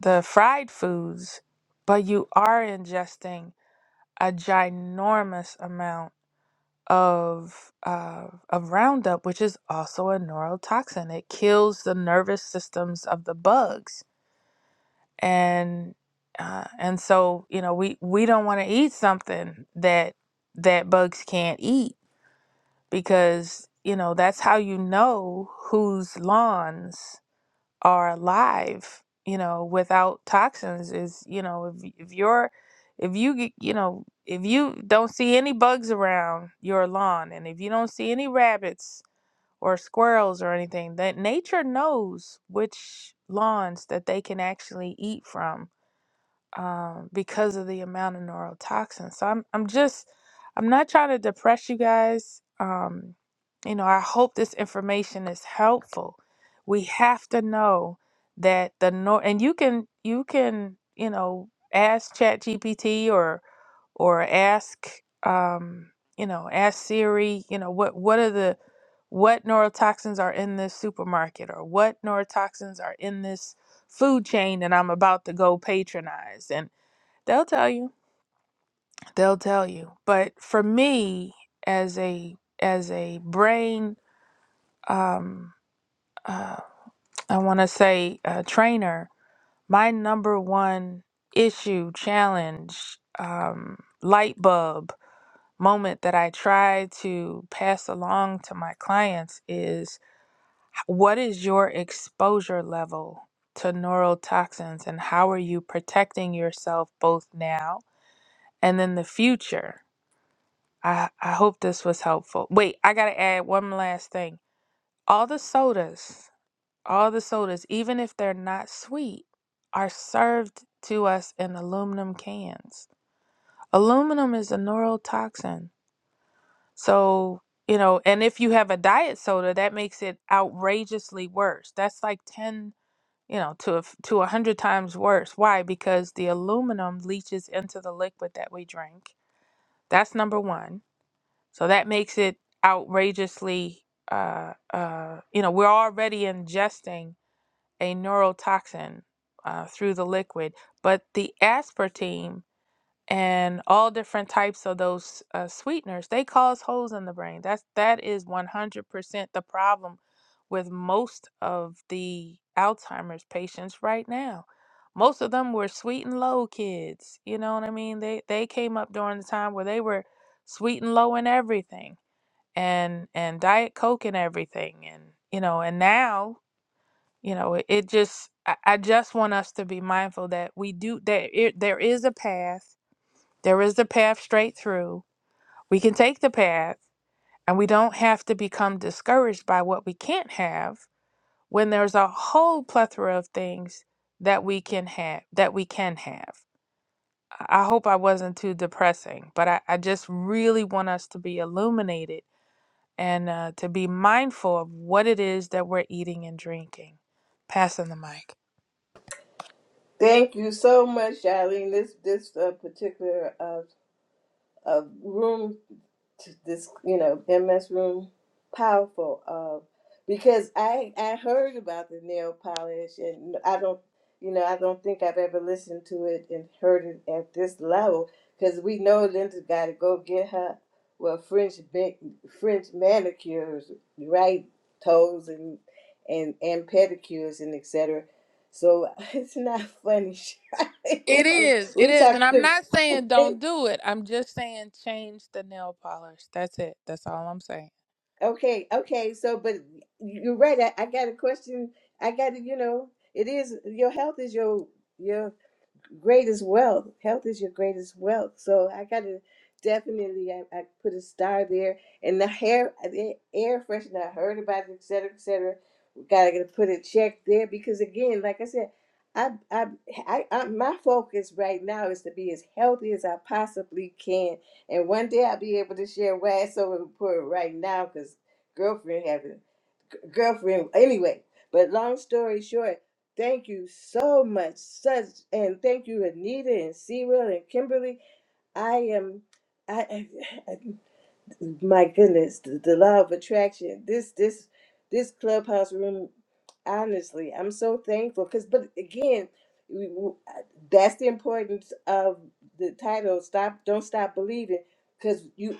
the fried foods, but you are ingesting a ginormous amount of uh, of Roundup, which is also a neurotoxin. It kills the nervous systems of the bugs, and uh, and so you know we we don't want to eat something that that bugs can't eat because you know that's how you know whose lawns are alive you know without toxins is you know if, if you're if you g- you know if you don't see any bugs around your lawn and if you don't see any rabbits or squirrels or anything that nature knows which lawns that they can actually eat from um, because of the amount of neurotoxins. So I'm I'm just I'm not trying to depress you guys. Um, you know, I hope this information is helpful. We have to know that the nor and you can you can you know ask ChatGPT or or ask um, you know ask Siri. You know what what are the what neurotoxins are in this supermarket or what neurotoxins are in this food chain that I'm about to go patronize They'll tell you. They'll tell you. But for me, as a as a brain, um, uh, I want to say uh trainer, my number one issue, challenge, um, light bulb moment that I try to pass along to my clients is what is your exposure level to neurotoxins and how are you protecting yourself both now and in the future? I, I hope this was helpful. Wait, I gotta add one last thing. All the sodas, all the sodas, even if they're not sweet, are served to us in aluminum cans. Aluminum is a neurotoxin. So, you know, and if you have a diet soda, that makes it outrageously worse. That's like 10, you know, to a, f- to 100 times worse. Why? Because the aluminum leaches into the liquid that we drink. That's number one. So that makes it outrageously, uh, uh, you know, we're already ingesting a neurotoxin uh, through the liquid, but the aspartame and all different types of those uh, sweeteners they cause holes in the brain. That's that is one hundred percent the problem with most of the Alzheimer's patients right now. Most of them were sweet and low kids. You know what I mean? They they came up during the time where they were sweet and low in everything and and diet coke and everything and you know and now you know it, it just I, I just want us to be mindful that we do that it, there is a path there is the path straight through we can take the path and we don't have to become discouraged by what we can't have when there's a whole plethora of things that we can have that we can have i I hope i wasn't too depressing but i, I just really want us to be illuminated and uh, to be mindful of what it is that we're eating and drinking. Passing the mic. Thank you so much, Charlene. This this uh, particular uh, uh, room to this you know MS room powerful uh because I I heard about the nail polish and I don't you know I don't think I've ever listened to it and heard it at this level because we know Linda's got to go get her well French ba- French manicures right toes and and and pedicures and etc. So it's not funny. It is. It we is. And I'm talking. not saying don't do it. I'm just saying change the nail polish. That's it. That's all I'm saying. Okay, okay. So, but you're right. I, I got a question. I got to, you know, it is your health is your your greatest wealth. Health is your greatest wealth. So I got to definitely, I, I put a star there. And the hair, the air freshener, I heard about it, et cetera, et cetera. We got to put a check there because, again, like I said, I, I, I, I, my focus right now is to be as healthy as I possibly can, and one day I'll be able to share why it's so important right now because girlfriend having girlfriend. Anyway, but long story short, thank you so much, such, and thank you, Anita and Sewell and Kimberly. I am, I, I my goodness, the, the law of attraction. This, this, this clubhouse room. Honestly, I'm so thankful because, but again, we, w- that's the importance of the title. Stop, don't stop believing, because you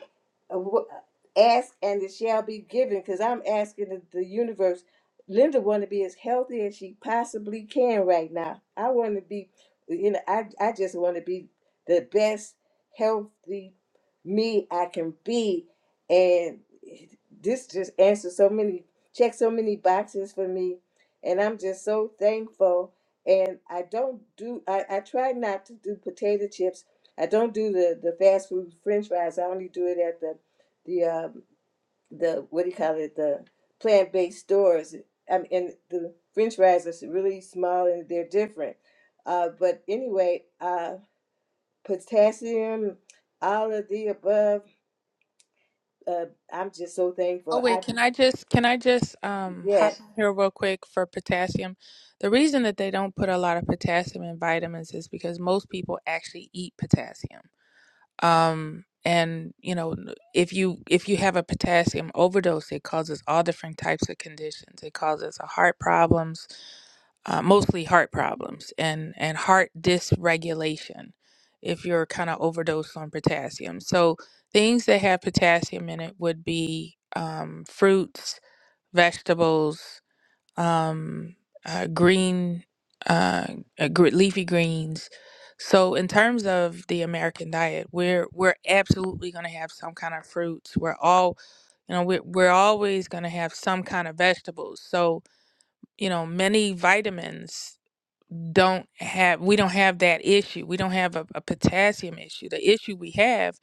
uh, wh- ask and it shall be given because i'm asking the, the universe linda want to be as healthy as she possibly can right now i want to be you know i, I just want to be the best healthy me i can be and this just answers so many check so many boxes for me and i'm just so thankful and i don't do i, I try not to do potato chips i don't do the, the fast food french fries i only do it at the the um, the what do you call it the plant based stores. I mean, and the French fries are really small and they're different. Uh, but anyway, uh, potassium, all of the above. Uh, I'm just so Oh thankful. I wait, can I just can I just um yeah, hop in here real quick for potassium? The reason that they don't put a lot of potassium in vitamins is because most people actually eat potassium. um and you know n- if you if you have a potassium overdose it causes all different types of conditions it causes uh, heart problems uh, mostly heart problems and and heart dysregulation if you're kind of overdosed on potassium so things that have potassium in it would be um, fruits vegetables um, uh, green, uh, uh, gre- leafy greens. So in terms of the American diet, we're we're absolutely going to have some kind of fruits. We're all, you know, we're we're always going to have some kind of vegetables. So you know, many vitamins don't have. We don't have that issue. We don't have a, a potassium issue. The issue we have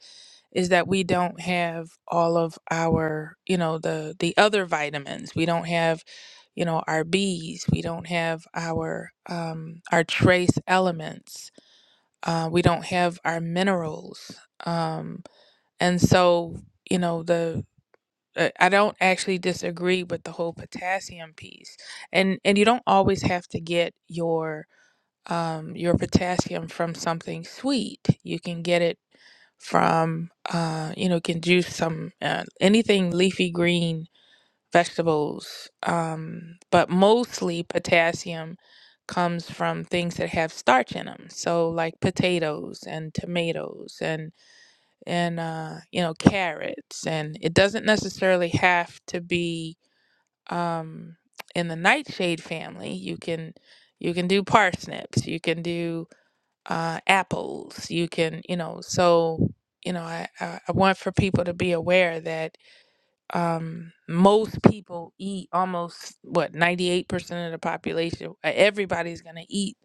is that we don't have all of our you know the the other vitamins we don't have you know our B's. we don't have our um our trace elements uh we don't have our minerals um and so you know the uh, I don't actually disagree with the whole potassium piece. And and you don't always have to get your um, your potassium from something sweet. You can get it from, uh, you know, can juice some uh, anything leafy green vegetables. Um, but mostly potassium comes from things that have starch in them. So like potatoes and tomatoes and and uh, you know carrots. And it doesn't necessarily have to be um, in the nightshade family. You can you can do parsnips. You can do uh, apples. You can, you know, so, you know, I, I, I want for people to be aware that um, most people eat almost, what, 98% of the population, uh, everybody's going to eat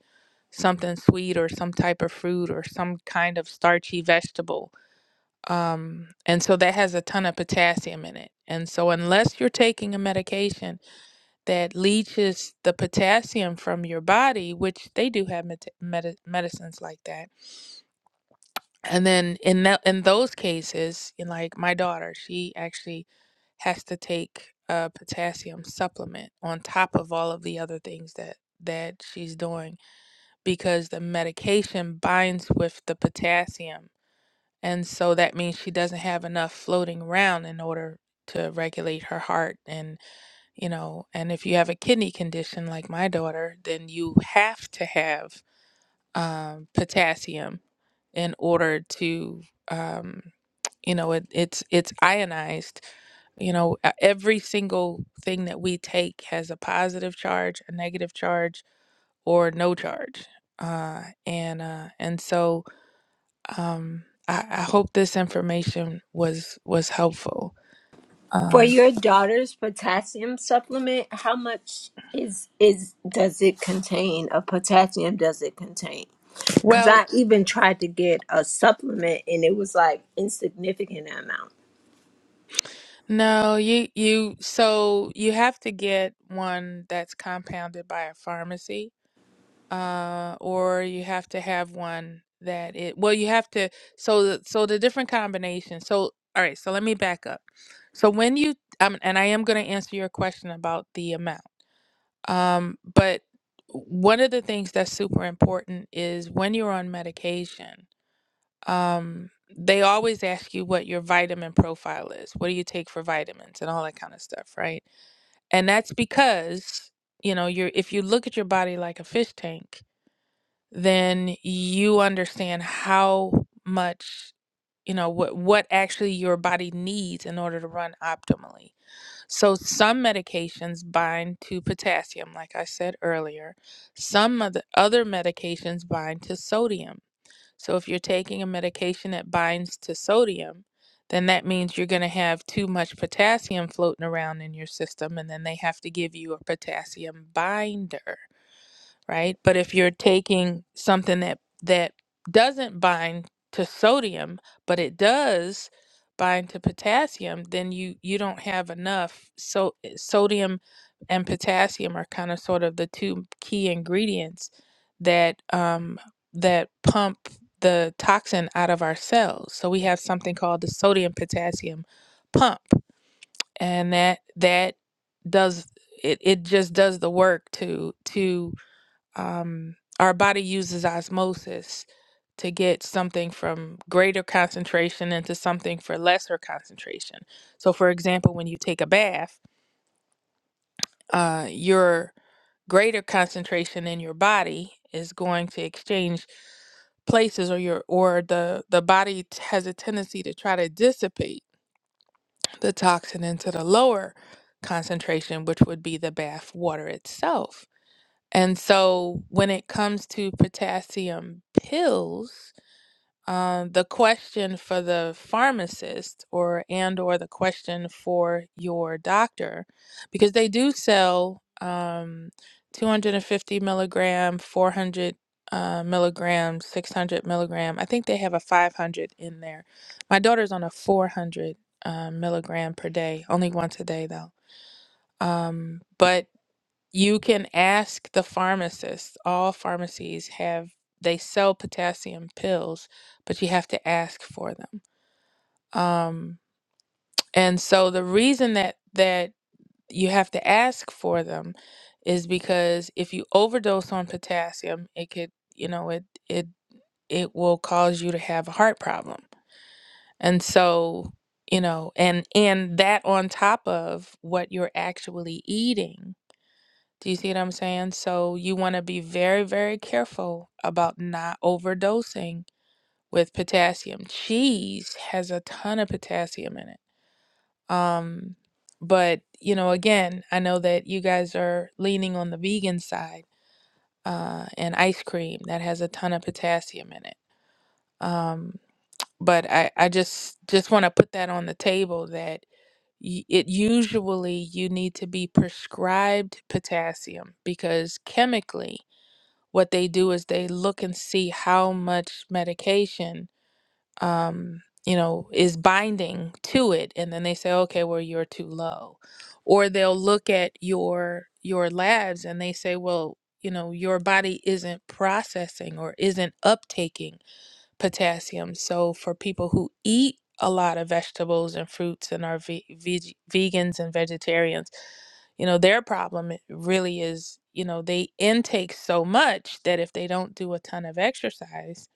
something sweet or some type of fruit or some kind of starchy vegetable. Um, and so that has a ton of potassium in it. And so, unless you're taking a medication that leaches the potassium from your body, which they do have med- med- medicines like that and then in that in those cases in like my daughter she actually has to take a potassium supplement on top of all of the other things that that she's doing because the medication binds with the potassium and so that means she doesn't have enough floating around in order to regulate her heart and you know and if you have a kidney condition like my daughter then you have to have um, potassium in order to um, you know it, it's it's ionized you know uh, every single thing that we take has a positive charge a negative charge or no charge uh, and uh, and so um, I, I hope this information was was helpful For um, your daughter's potassium supplement, how much is is does it contain of potassium does it contain? Cuz well I even tried to get a supplement and it was like insignificant amount. no you you so you have to get one that's compounded by a pharmacy uh, or you have to have one that it well you have to so the, so the different combinations so all right so let me back up so when you um, and i am going to answer your question about the amount um, but one of the things that's super important is when you're on medication um, they always ask you what your vitamin profile is what do you take for vitamins and all that kind of stuff right and that's because you know you're if you look at your body like a fish tank then you understand how much you know what what actually your body needs in order to run optimally. So some medications bind to potassium like I said earlier. Some of the other medications bind to sodium. So if you're taking a medication that binds to sodium, then that means you're going to have too much potassium floating around in your system and then they have to give you a potassium binder right? But if you're taking something that that doesn't bind to sodium, but it does bind to potassium, then you you don't have enough. So sodium and potassium are kind of sort of the two key ingredients that um, that pump the toxin out of our cells. So we have something called the sodium potassium pump, and that that does it, it just does the work to to um, our body uses osmosis to get something from greater concentration into something for lesser concentration. So, for example, when you take a bath, uh, your greater concentration in your body is going to exchange places, or your or the the body t- has a tendency to try to dissipate the toxin into the lower concentration, which would be the bath water itself. And so when it comes to potassium pills, um, the question for the pharmacist or and or the question for your doctor, because they do sell um, 250 milligram, 400 uh, milligram, 600 milligram. I think they have a 500 in there. My daughter's on a 400 uh, milligram per day, only once a day though. Um, but you can ask the pharmacist. All pharmacies have they sell potassium pills, but you have to ask for them. Um, and so the reason that that you have to ask for them is because if you overdose on potassium, it could, you know, it it it will cause you to have a heart problem. And so, you know, and and that on top of what you're actually eating Do you see what I'm saying? So you want to be very, very careful about not overdosing with potassium. Cheese has a ton of potassium in it. Um, but you know, again, I know that you guys are leaning on the vegan side, uh, and ice cream that has a ton of potassium in it. Um, but I, I just just want to put that on the table that y- it usually you need to be prescribed potassium because chemically what they do is they look and see how much medication um, you know is binding to it and then they say okay well you're too low or they'll look at your your labs and they say well you know your body isn't processing or isn't uptaking potassium. So for people who eat a lot of vegetables and fruits and are ve- veg- vegans and vegetarians, you know, their problem i- really is, you know, they intake so much that if they don't do a ton of exercise,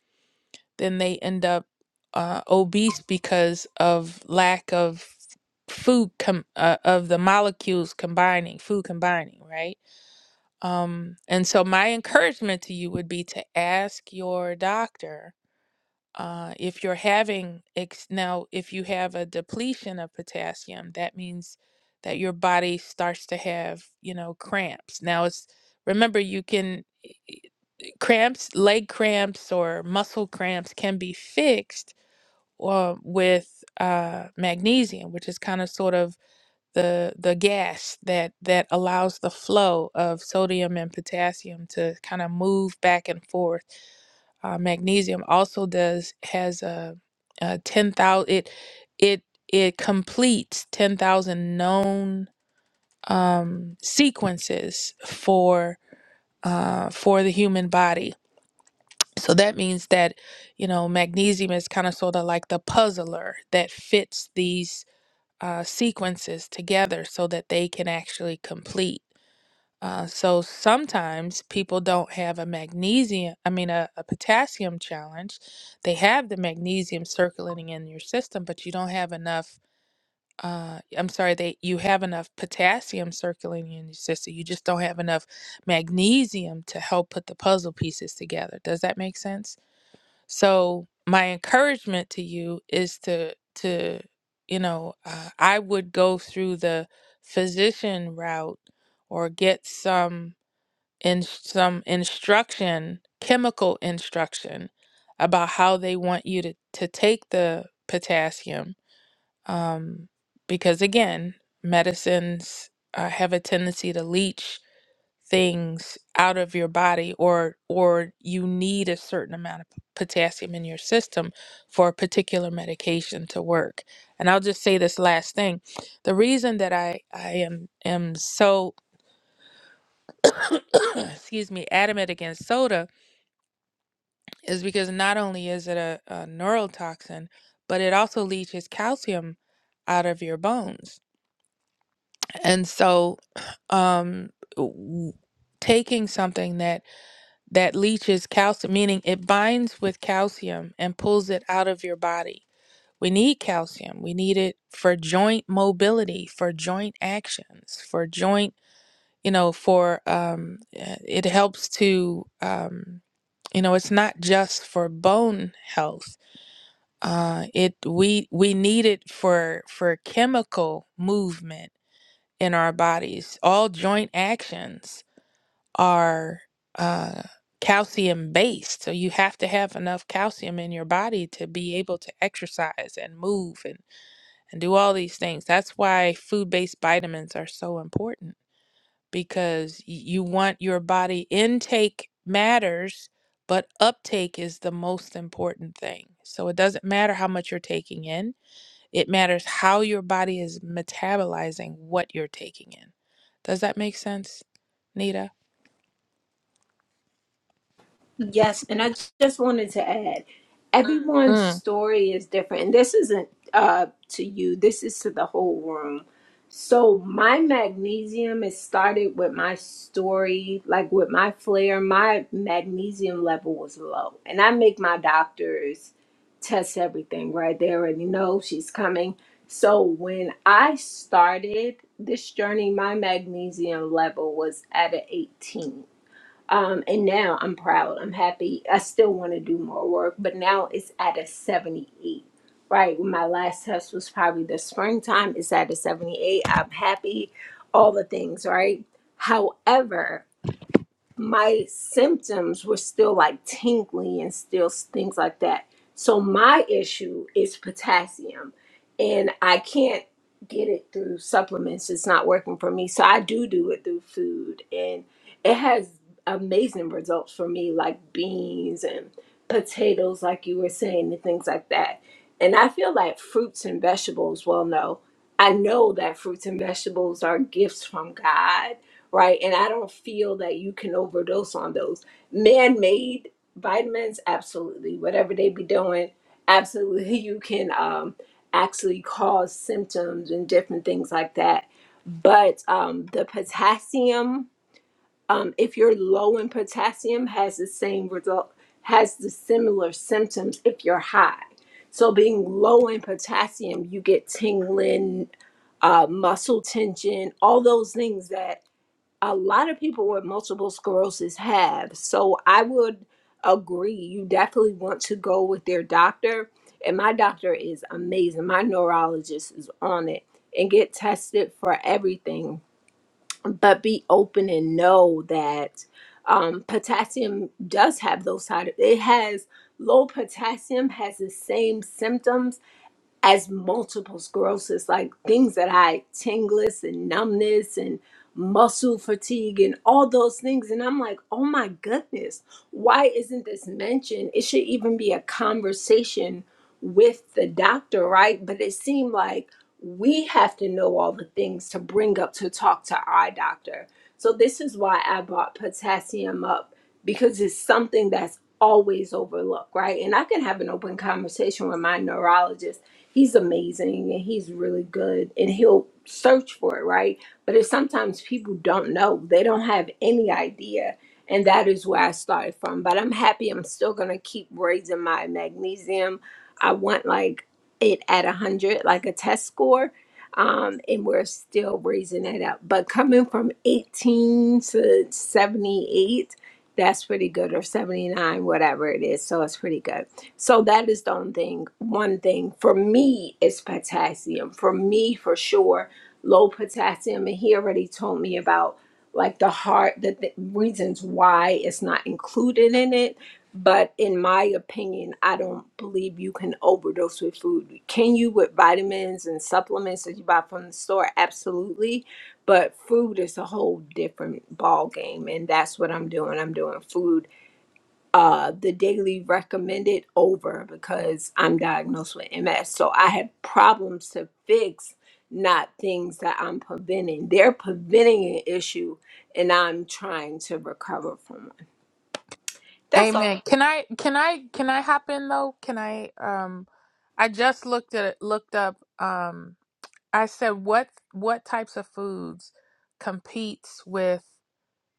then they end up uh, obese because of lack of food com- uh, of the molecules combining, food combining, right? Um, and so my encouragement to you would be to ask your doctor uh, if you're having ex- now, if you have a depletion of potassium, that means that your body starts to have, you know, cramps. Now, it's remember you can e, e, e, cramps, leg cramps or muscle cramps can be fixed uh, with uh, magnesium, which is kind of sort of the the gas that that allows the flow of sodium and potassium to kind of move back and forth uh, magnesium also does has a, a ten thousand. It it it completes ten thousand known um, sequences for uh, for the human body. So that means that you know magnesium is kind of sort of like the puzzler that fits these uh, sequences together so that they can actually complete. Uh, so sometimes people don't have a magnesium, I mean, a, a potassium challenge. They have the magnesium circulating in your system, but you don't have enough. Uh, I'm sorry, they you have enough potassium circulating in your system. You just don't have enough magnesium to help put the puzzle pieces together. Does that make sense? So my encouragement to you is to to you know uh, I would go through the physician route or get some in some instruction, chemical instruction about how they want you to, to take the potassium. Um, because again, medicines uh, have a tendency to leach things out of your body or or you need a certain amount of potassium in your system for a particular medication to work. And I'll just say this last thing. The reason that I I am am so excuse me adamant against soda is because not only is it a, a neurotoxin, but it also leaches calcium out of your bones. And so, um, w- taking something that that leaches calcium, meaning it binds with calcium and pulls it out of your body. We need calcium. We need it for joint mobility, for joint actions, for joint. You know, for um, uh, it helps to um, you know, it's not just for bone health uh, it we we need it for for chemical movement in our bodies. All joint actions are uh, calcium based, so you have to have enough calcium in your body to be able to exercise and move and and do all these things. That's why food based vitamins are so important because y- you want your body intake matters but uptake is the most important thing. So it doesn't matter how much you're taking in it matters how your body is metabolizing what you're taking in. Does that make sense, Nita? Yes, and I just wanted to add, everyone's Mm, story is different, and this isn't uh, to you. This is to the whole room. So my magnesium it started with my story, like with my flare. My magnesium level was low, and I make my doctors test everything. Right, they already know she's coming. So when I started this journey, my magnesium level was at an 18 um, and now I'm proud. I'm happy. I still want to do more work, but now it's at a 78, right? my last test was probably the springtime, it's at a 78. I'm happy, all the things, right? However, my symptoms were still like tingling and still things like that. So my issue is potassium, and I can't get it through supplements. It's not working for me. So I do do it through food, and it has amazing results for me, like beans and potatoes, like you were saying, and things like that. And I feel like fruits and vegetables. Well, no, I know that fruits and vegetables are gifts from God right? And I don't feel that you can overdose on those. Man made vitamins, absolutely. Whatever they be doing, absolutely. You can um, actually cause symptoms and different things like that. But um, the potassium, um, if you're low in potassium, has the same result, has the similar symptoms if you're high. So, being low in potassium, you get tingling, uh, muscle tension, all those things that a lot of people with multiple sclerosis have. So I would agree. You definitely want to go with their doctor. And my doctor is amazing. My neurologist is on it and get tested for everything. But be open and know that um, potassium does have those side. It has low potassium has the same symptoms as multiple sclerosis, like things that I tingles and numbness and muscle fatigue and all those things. And I'm like, oh my goodness, why isn't this mentioned? It should even be a conversation with the doctor, right? But it seemed like we have to know all the things to bring up to talk to our doctor. So this is why I brought potassium up because it's something that's always overlooked, right? And I can have an open conversation with my neurologist he's amazing and he's really good and he'll search for it, right? But it's sometimes people don't know. They don't have any idea. And that is where I started from. But I'm happy I'm still gonna keep raising my magnesium. I want like it at a hundred, like a test score. Um, and we're still raising that up. But coming from 18 to 78, that's pretty good, or 79, whatever it is. So it's pretty good. So that is the only thing. One thing for me is potassium. For me, for sure, low potassium. And he already told me about like the heart, the, the reasons why it's not included in it. But in my opinion, I don't believe you can overdose with food. Can you with vitamins and supplements that you buy from the store? Absolutely. But food is a whole different ball game, and that's what I'm doing. I'm doing food uh, the daily recommended over because I'm diagnosed with MS. So I have problems to fix, not things that I'm preventing. They're preventing an issue and I'm trying to recover from it. That's all. amen. Can I can I can I hop in though? Can I um I just looked at it looked up um I said what what types of foods competes with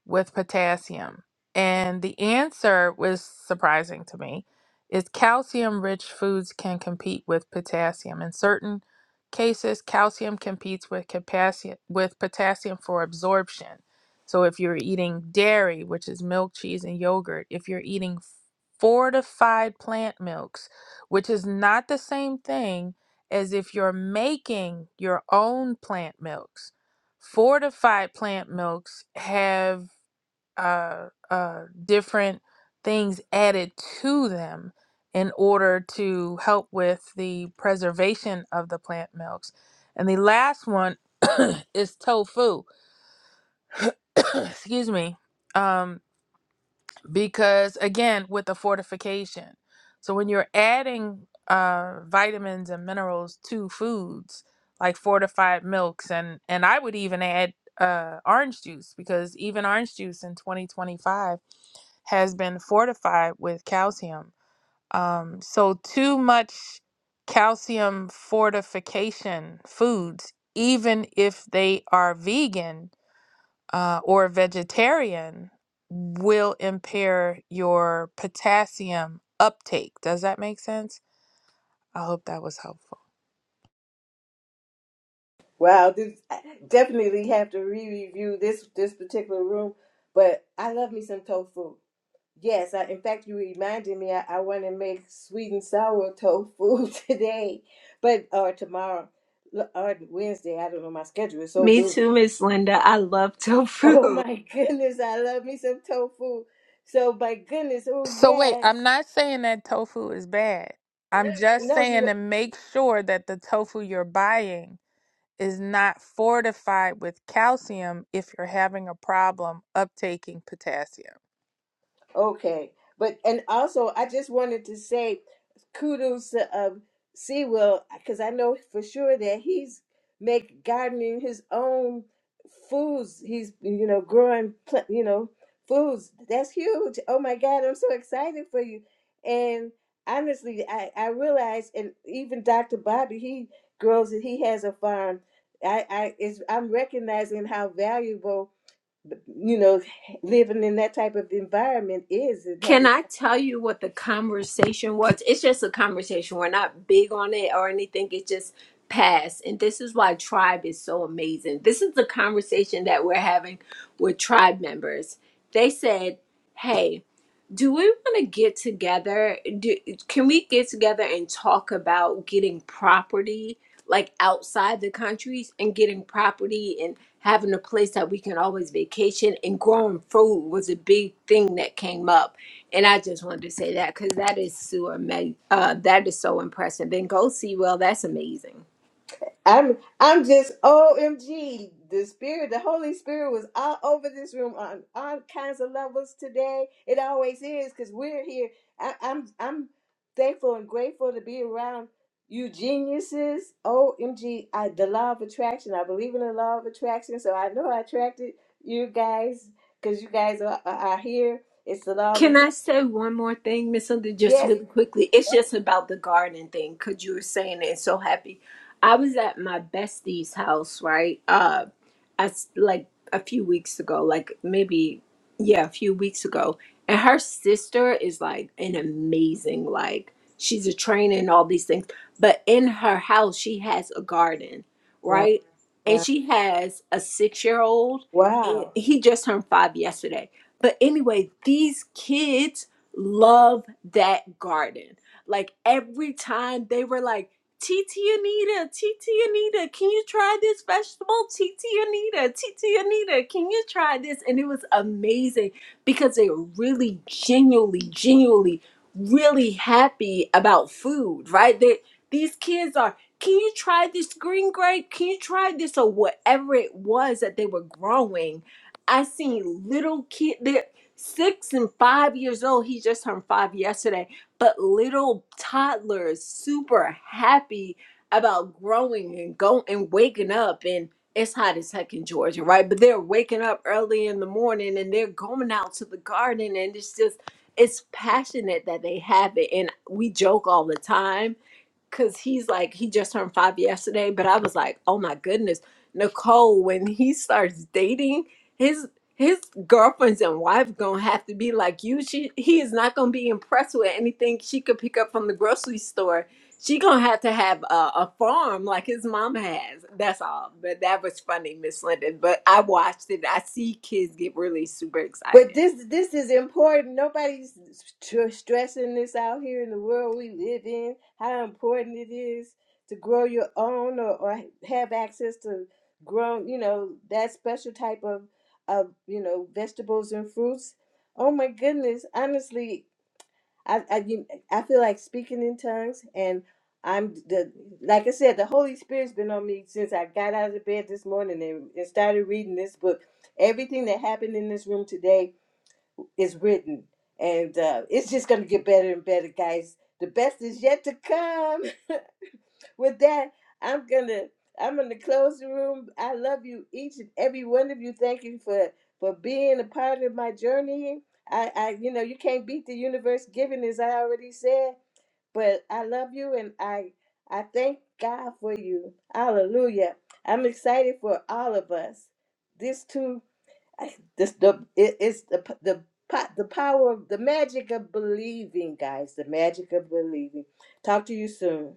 with potassium? And the answer was surprising to me is calcium rich foods can compete with potassium. In certain cases, calcium competes with potassium with potassium for absorption. So if you're eating dairy, which is milk, cheese, and yogurt, if you're eating fortified plant milks, which is not the same thing as if you're making your own plant milks fortified plant milks have uh, uh, different things added to them in order to help with the preservation of the plant milks. And the last one is tofu, excuse me, um, because again, with the fortification. So when you're adding uh, vitamins and minerals to foods like fortified milks, and, and I would even add uh, orange juice because even orange juice in 2025 has been fortified with calcium. Um, so, too much calcium fortification foods, even if they are vegan uh, or vegetarian, will impair your potassium uptake. Does that make sense? I hope that was helpful. wow. This I definitely have to re-review this this particular room. But I love me some tofu. Yes, I, in fact, you reminded me. I, I want to make sweet and sour tofu today, but or tomorrow l- or Wednesday. I don't know. My schedule is so Me busy. too, Miss Linda. I love tofu. Oh my goodness, I love me some tofu. So my goodness, oh So, wait, I'm yes. not saying that tofu is bad. I'm just No, saying you. to make sure that the tofu you're buying is not fortified with calcium if you're having a problem uptaking potassium. Okay, but and also I just wanted to say kudos to um, Sea because I know for sure that he's make gardening his own foods. He's you know growing pl- you know foods. That's huge. Oh my God, I'm so excited for you. And honestly, I I realize, and even Dr. Bobby, he grows it. He has a farm. I I is I'm recognizing how valuable you know living in that type of environment is and Can having I tell you what the conversation was? It's just a conversation. We're not big on it or anything. It just passed. And this is why Tribe is so amazing. This is the conversation that we're having with Tribe members. They said, hey, do we want to get together do, can we get together and talk about getting property like outside the countries and getting property and having a place that we can always vacation and growing food was a big thing that came up and i just wanted to say that because that is so ama- uh, that is so impressive and go see well that's amazing i'm i'm just omg the spirit the holy spirit was all over this room on all kinds of levels today it always is because we're here I, i'm i'm thankful and grateful to be around you geniuses O M G. I the law of attraction i believe in the law of attraction so i know i attracted you guys because you guys are, are are here it's the law of Can I attraction say one more thing, Miss Linda, just yes really quickly? It's just about the garden thing, because you were saying it so happy. I was at my bestie's house, right? Uh, I, s- like a few weeks ago, like maybe, yeah, a few weeks ago. And her sister is like an amazing, like, she's a trainer and all these things. But in her house, she has a garden, wow right? And wow she has a six year old, wow and he just turned five yesterday but anyway, these kids love that garden. Like every time they were like, Titi Anita, Titi Anita, can you try this vegetable? Titi Anita, Titi Anita, can you try this? And it was amazing because they were really genuinely, genuinely, really happy about food, right? They, these kids are, can you try this green grape? Can you try this? Or whatever it was that they were growing I seen little kid there, six and five years old. He just turned five yesterday, but little toddlers super happy about growing and going and waking up. And it's hot as heck in Georgia, right? But they're waking up early in the morning and they're going out to the garden, and it's just it's passionate that they have it. And we joke all the time because he's like he just turned five yesterday but i was like oh my goodness nicole when he starts dating his his girlfriends and wife gonna have to be like you she he is not gonna be impressed with anything she could pick up from the grocery store she gonna have to have a, a farm like his mom has that's all but that was funny miss linden but i watched it i see kids get really super But excited this this is important. Nobody's str- stressing this out here in the world we live in. How important it is to grow your own or, or have access to grown, you know, that special type of of you know vegetables and fruits. Oh my goodness! Honestly, I I, you- I feel like speaking in tongues, and I'm the like I said, the Holy Spirit's been on me since I got out of bed this morning and, and started reading this book. Everything that happened in this room today is written. And uh, it's just going to get better and better, guys. The best is yet to come. With that, I'm gonna I'm gonna close the room. I love you, each and every one of you. Thank you for for being a part of my journey. I, I you know you can't beat the universe giving, as I already said. But I love you, and I I thank God for you. Hallelujah. I'm excited for all of us. This too I- This the it, it's the p- the po- the power of the magic of believing, guys. The magic of believing. Talk to you soon.